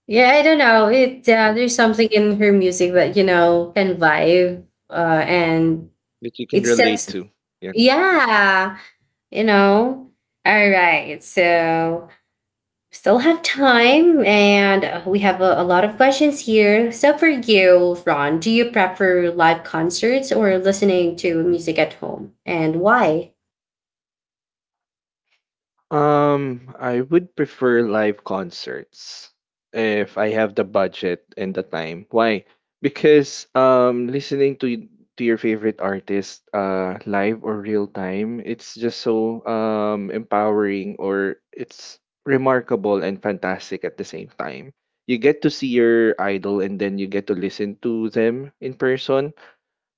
Speaker 1: Yeah, I don't know it,
Speaker 2: That
Speaker 1: there's something in her music that, you know, can vibe. And
Speaker 2: that you can
Speaker 1: it
Speaker 2: relate
Speaker 1: sets.
Speaker 2: to. Yeah.
Speaker 1: Yeah. You know? All right. So, still have time, and we have a lot of questions here. So, for you, Ron, do you prefer live concerts or listening to music at home, and why?
Speaker 2: I would prefer live concerts if I have the budget and the time. Why? Because listening to to your favorite artist live or real time, it's just so empowering, or it's remarkable and fantastic at the same time. You get to see your idol and then you get to listen to them in person.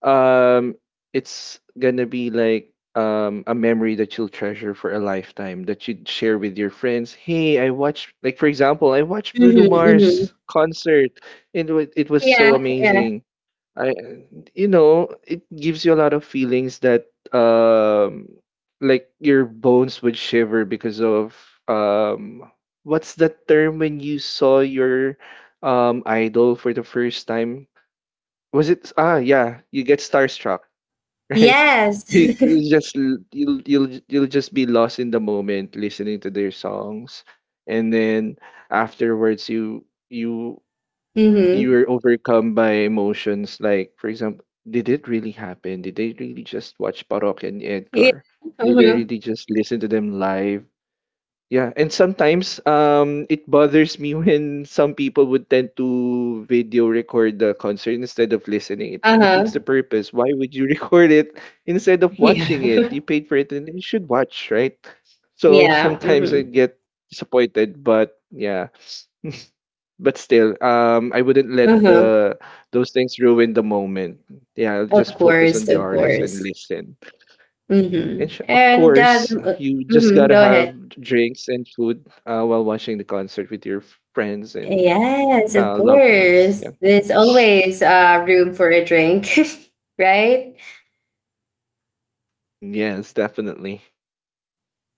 Speaker 2: um it's gonna be like a memory that you'll treasure for a lifetime that you'd share with your friends. Hey, I watched, like for example, I watched Bruno
Speaker 1: Mm-hmm, mm-hmm.
Speaker 2: Mars concert, and it was so
Speaker 1: Yeah, yeah.
Speaker 2: amazing. I, you know, it gives you a lot of feelings that um like your bones would shiver because of um what's that term when you saw your idol for the first time. Was it, ah, yeah, you get starstruck. <laughs> Right?
Speaker 1: Yes.
Speaker 2: You,
Speaker 1: <laughs>
Speaker 2: you'll just be lost in the moment listening to their songs, and then afterwards you
Speaker 1: Mm-hmm.
Speaker 2: you're overcome by emotions, like, for example, did it really happen? Did they really just watch Parok and
Speaker 1: Yeah.
Speaker 2: Edgar? Did they
Speaker 1: Mm-hmm.
Speaker 2: really just listen to them live? Yeah, and sometimes it bothers me <laughs> when some people would tend to video record the concert instead of listening. It defeats the
Speaker 1: Uh-huh.
Speaker 2: purpose. Why would you <laughs> record it instead of watching it?
Speaker 1: Yeah.
Speaker 2: You
Speaker 1: <laughs>
Speaker 2: paid for it and you should watch, right? So
Speaker 1: Yeah.
Speaker 2: sometimes I
Speaker 1: Mm-hmm.
Speaker 2: get disappointed, but yeah, but still, I wouldn't let
Speaker 1: Uh-huh.
Speaker 2: the those things ruin the moment. Yeah, I'll
Speaker 1: Of
Speaker 2: just focus
Speaker 1: course,
Speaker 2: on the
Speaker 1: of
Speaker 2: artist and
Speaker 1: course.
Speaker 2: listen.
Speaker 1: Mm-hmm.
Speaker 2: Of
Speaker 1: And
Speaker 2: course, you just gotta
Speaker 1: go
Speaker 2: have
Speaker 1: ahead.
Speaker 2: drinks and food while watching the concert with your friends and
Speaker 1: Yes, of
Speaker 2: loved ones.
Speaker 1: course.
Speaker 2: Yeah.
Speaker 1: There's always room for a drink, <laughs> right?
Speaker 2: Yes, definitely.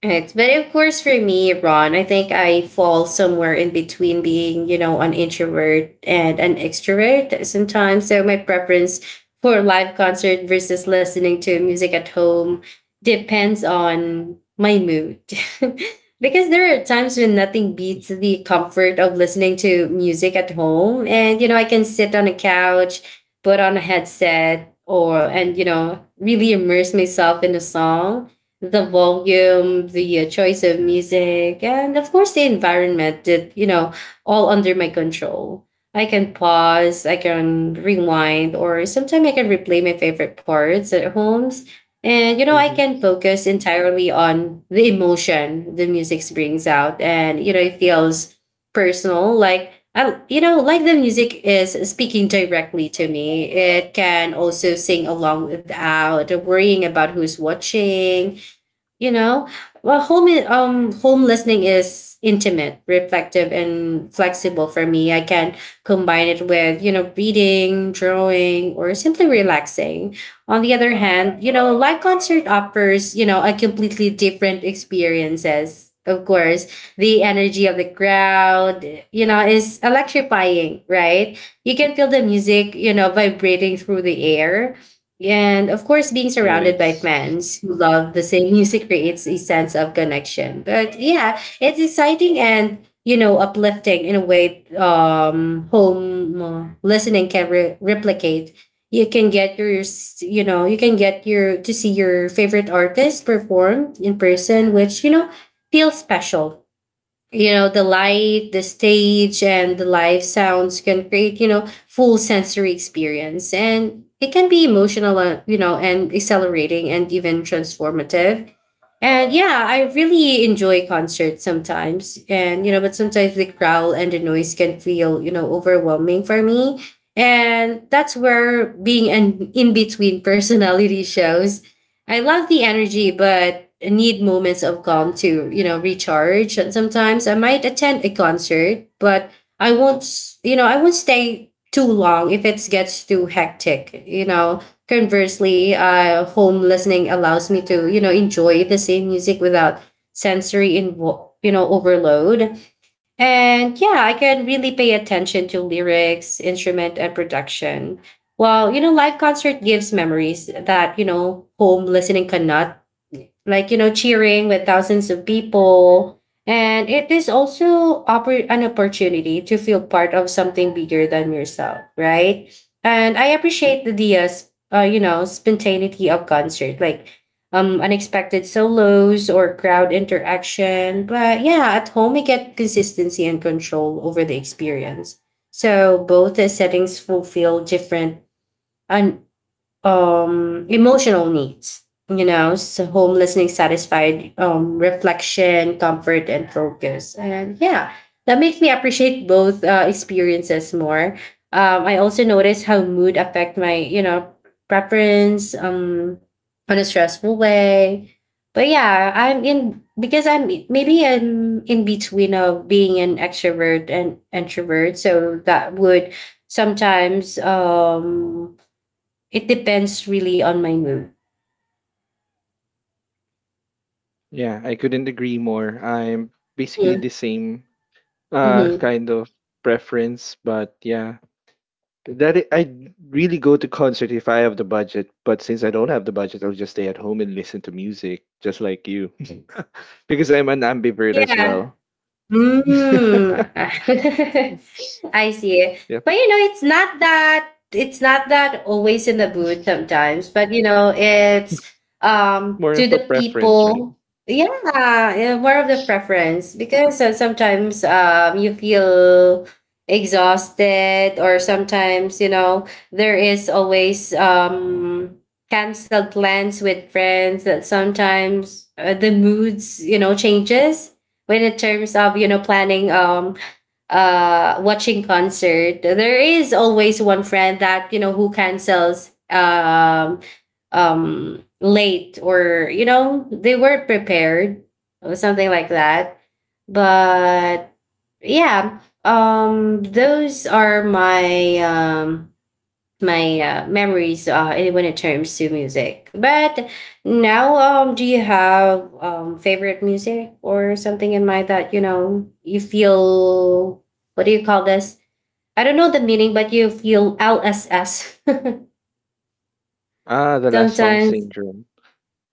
Speaker 1: Right. But of course, for me, Ron, I think I fall somewhere in between being, you know, an introvert and an extrovert sometimes. So my preference for live concert versus listening to music at home depends on my mood. <laughs> Because there are times when nothing beats
Speaker 2: Yes.
Speaker 1: the comfort of listening to music at home. And, you know, I can sit on a couch, put on a headset, or, and, you know, really immerse myself in the song, the volume, the choice of music, and of course the environment did, you know, all under my control. I can pause, I can rewind, or sometimes I can replay my favorite parts at homes. And, you know, I
Speaker 2: Hmm.
Speaker 1: can focus entirely on the emotion the music brings out. And, you know, it feels personal. Like, I, you know, like the music is speaking directly to me. It can also sing along without worrying about who's watching, you know. Well, home home listening is intimate, reflective, and flexible for me. I can combine it with, you know, reading, drawing, or simply relaxing. On the other hand, you know, live concert offers, you know, a completely different experiences. Of course, the energy of the crowd, you know, is electrifying, right? You can feel the music, you know, vibrating through the air. And of course, being surrounded by
Speaker 2: Yes.
Speaker 1: fans who love the same music creates a sense of connection. But yeah, it's exciting and, you know, uplifting in a way home listening can replicate. You can get your you know, you can get your to see your favorite artist perform in person, which, you know, feels special. You know, the light, the stage, and the live sounds can create, you know, full sensory experience. And it can be emotional, you know, and accelerating and even transformative. And yeah, I really enjoy concerts sometimes. And you know, but sometimes the growl and the noise can feel, you know, overwhelming for me. And that's where being an in-between <laughs> personality shows. I love the energy, but I need moments of calm to, you know, recharge. And sometimes I might attend a concert, but I won't, you know, I won't stay too long if it gets too hectic, you know. Conversely, home listening allows me to, you know, enjoy the same music without sensory, you know, overload. And yeah, I can really pay attention to lyrics, instrument, and production. Well, you know, live concert gives memories that, you know, home listening cannot. Like, you know, cheering with thousands of people. And it is also an opportunity to feel part of something bigger than yourself, right? And I appreciate the, the you know, spontaneity of concert, like unexpected solos or crowd interaction. But yeah, at home, we get consistency and control over the experience. So both the settings fulfill different and emotional needs. You know, so home listening satisfied reflection, comfort, and focus. And yeah, that makes me appreciate both experiences more. I also notice how mood affect my, you know, preference on a stressful way. But yeah, I'm in because I'm maybe I'm in between of being an extrovert and introvert, so that would sometimes it depends really on my mood.
Speaker 2: Yeah, I couldn't agree more. I'm basically the same
Speaker 1: Mm-hmm.
Speaker 2: kind of preference, but yeah, that I I'd really go to concert if I have the budget, but since I don't have the budget, I'll just stay at home and listen to music, just like you, <laughs> because I'm an ambivert as
Speaker 1: Yeah.
Speaker 2: well. <laughs>
Speaker 1: Mm. <laughs> I see.
Speaker 2: Yep,
Speaker 1: But you know, it's not that always in the mood sometimes, but you know, it's
Speaker 2: more
Speaker 1: to
Speaker 2: of a
Speaker 1: the
Speaker 2: preference, right?
Speaker 1: people. Yeah, yeah, more of the preference. Because sometimes you feel exhausted, or sometimes, you know, there is always canceled plans with friends, that sometimes the moods, you know, changes. When in terms of, you know, planning watching concert, there is always one friend that, you know, who cancels late, or you know, they weren't prepared or something like that. But yeah, those are my memories when it turns to music. But now, do you have favorite music or something in mind that, you know, you feel? What do you call this? I don't know the meaning, but you feel LSS <laughs>
Speaker 2: Ah, the last song
Speaker 1: sometimes.
Speaker 2: syndrome.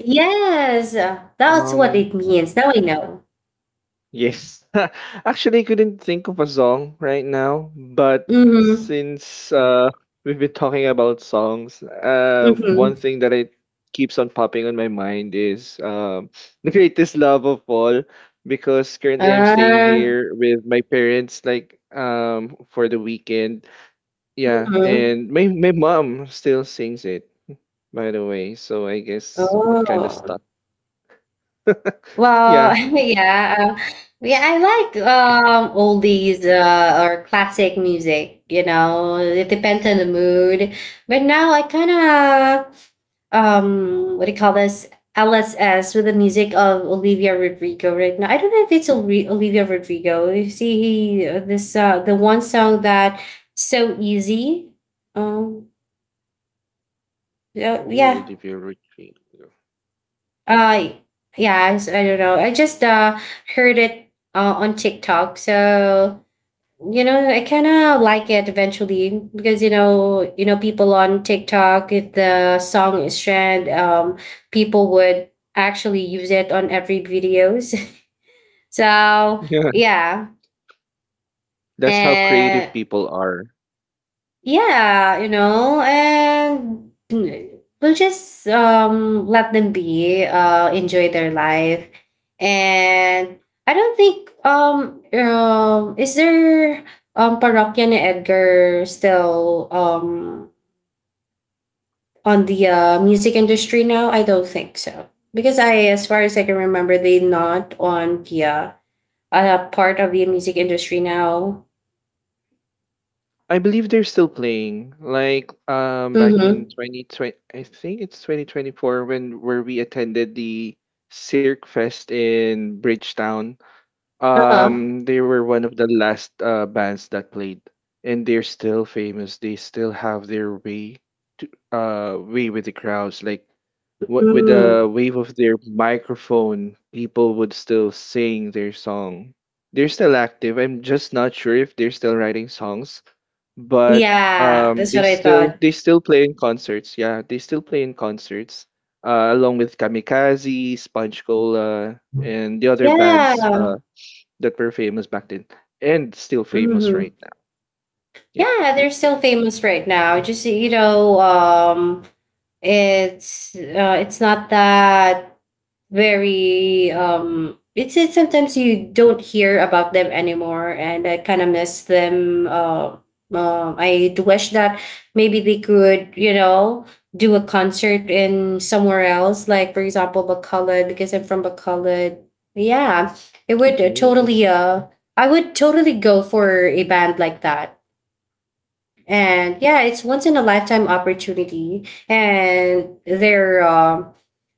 Speaker 1: Yes, that's what it
Speaker 2: Um,
Speaker 1: means. Now I know.
Speaker 2: Yes. <laughs> Actually, I couldn't think of a song right now, but
Speaker 1: Mm-hmm.
Speaker 2: since we've been talking about songs, one
Speaker 1: Mm-hmm.
Speaker 2: thing that I keeps on popping on my mind is <laughs> <sniffs> The Greatest Love of All, because currently I'm staying
Speaker 1: Uh,
Speaker 2: here with my parents, like for the weekend. Yeah,
Speaker 1: mm-hmm.
Speaker 2: and my mom still sings it, by the way, so I guess it kind of
Speaker 1: Oh.
Speaker 2: stuck.
Speaker 1: Well,
Speaker 2: Yeah.
Speaker 1: <laughs> yeah, yeah, I like oldies or classic music. You know, it depends on the mood. But now I kind of what do you call this? LSS with the music of Olivia Rodrigo right now. I don't know if it's Olivia Rodrigo. You see, this the one song that so easy. Um, yeah,
Speaker 2: Ooh,
Speaker 1: yeah.
Speaker 2: Olivia Rodrigo.
Speaker 1: Uh, yeah, I I don't know. I just heard it on TikTok, so you know, I kind of like it eventually, because you know people on TikTok, if the song is trend, people would actually use it on every videos. <laughs> So
Speaker 2: Yeah.
Speaker 1: yeah,
Speaker 2: That's how creative
Speaker 1: and
Speaker 2: people are.
Speaker 1: yeah, you know, and we'll just let them be, enjoy their life. And I don't think is there Parokya ni Edgar still on the music industry now? I don't think so. Because I, as far as I can remember, they not on the part of the music industry now.
Speaker 2: I believe they're still playing. Like back
Speaker 1: Mm-hmm.
Speaker 2: in 2020, I think it's 2024 when where we attended the Cirque Fest in Bridgetown.
Speaker 1: Uh-huh.
Speaker 2: They were one of the last bands that played and they're still famous. They still have their way to way with the crowds, like with the
Speaker 1: Mm.
Speaker 2: wave of their microphone, people would still sing their song. They're still active. I'm just not sure if they're still writing songs, but
Speaker 1: Yeah, that's
Speaker 2: they
Speaker 1: what I
Speaker 2: still
Speaker 1: thought.
Speaker 2: they still play in concerts. Yeah, they still play in concerts, along with Kamikaze, Sponge Cola, and the other bands
Speaker 1: Yeah.
Speaker 2: that were famous back then and still famous
Speaker 1: Mhm.
Speaker 2: right now. Yep.
Speaker 1: Yeah, they're still famous right now. Just, you know, it's not that very it's sometimes you don't hear about them anymore, and I kind of miss them. I do wish that maybe they could, you know, do a concert in somewhere else, like for example Bacolod, because I'm from Bacolod. Yeah, it would
Speaker 2: Oh, I
Speaker 1: totally
Speaker 2: see.
Speaker 1: I would totally go for a band like that. And yeah, it's once in a lifetime opportunity. And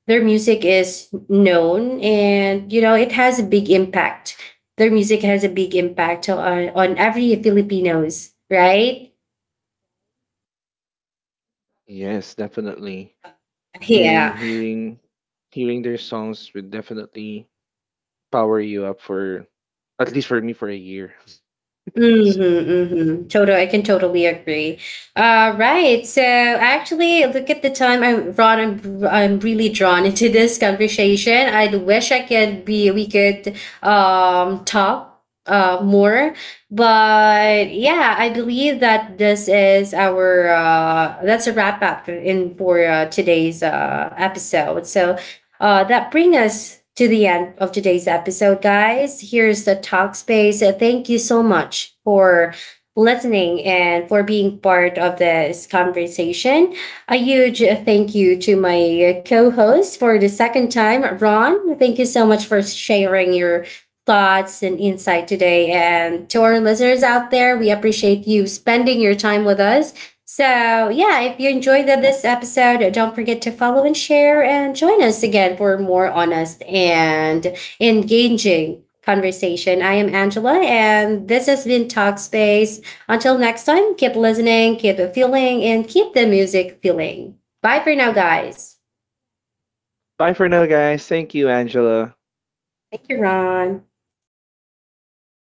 Speaker 1: their music is known, and you know, it has a big impact. Their music has a big impact on every Filipinos, right?
Speaker 2: Yes, definitely. And
Speaker 1: Yeah.
Speaker 2: hearing their songs would definitely power you up for at least, for me, for a year.
Speaker 1: Mhm, mhm. Total, I can totally agree. Right. So actually, look at the time. I'm Ron. I'm really drawn into this conversation. I wish I could be. We could talk more, but yeah, I believe that this is our that's a wrap up in for today's episode. So that bring us to the end of today's episode, guys. Here's the talk space. Thank you so much for listening and for being part of this conversation. A huge thank you to my co host for the second time, Ron. Thank you so much for sharing your thoughts and insight today. And to our listeners out there, we appreciate you spending your time with us. So, yeah, if you enjoyed this episode, don't forget to follow and share and join us again for more honest and engaging conversation. I am Angela, and this has been Talkspace. Until next time, keep listening, keep feeling, and keep the music feeling. Bye for now, guys.
Speaker 2: Bye for now, guys. Thank you, Angela.
Speaker 1: Thank you, Ron.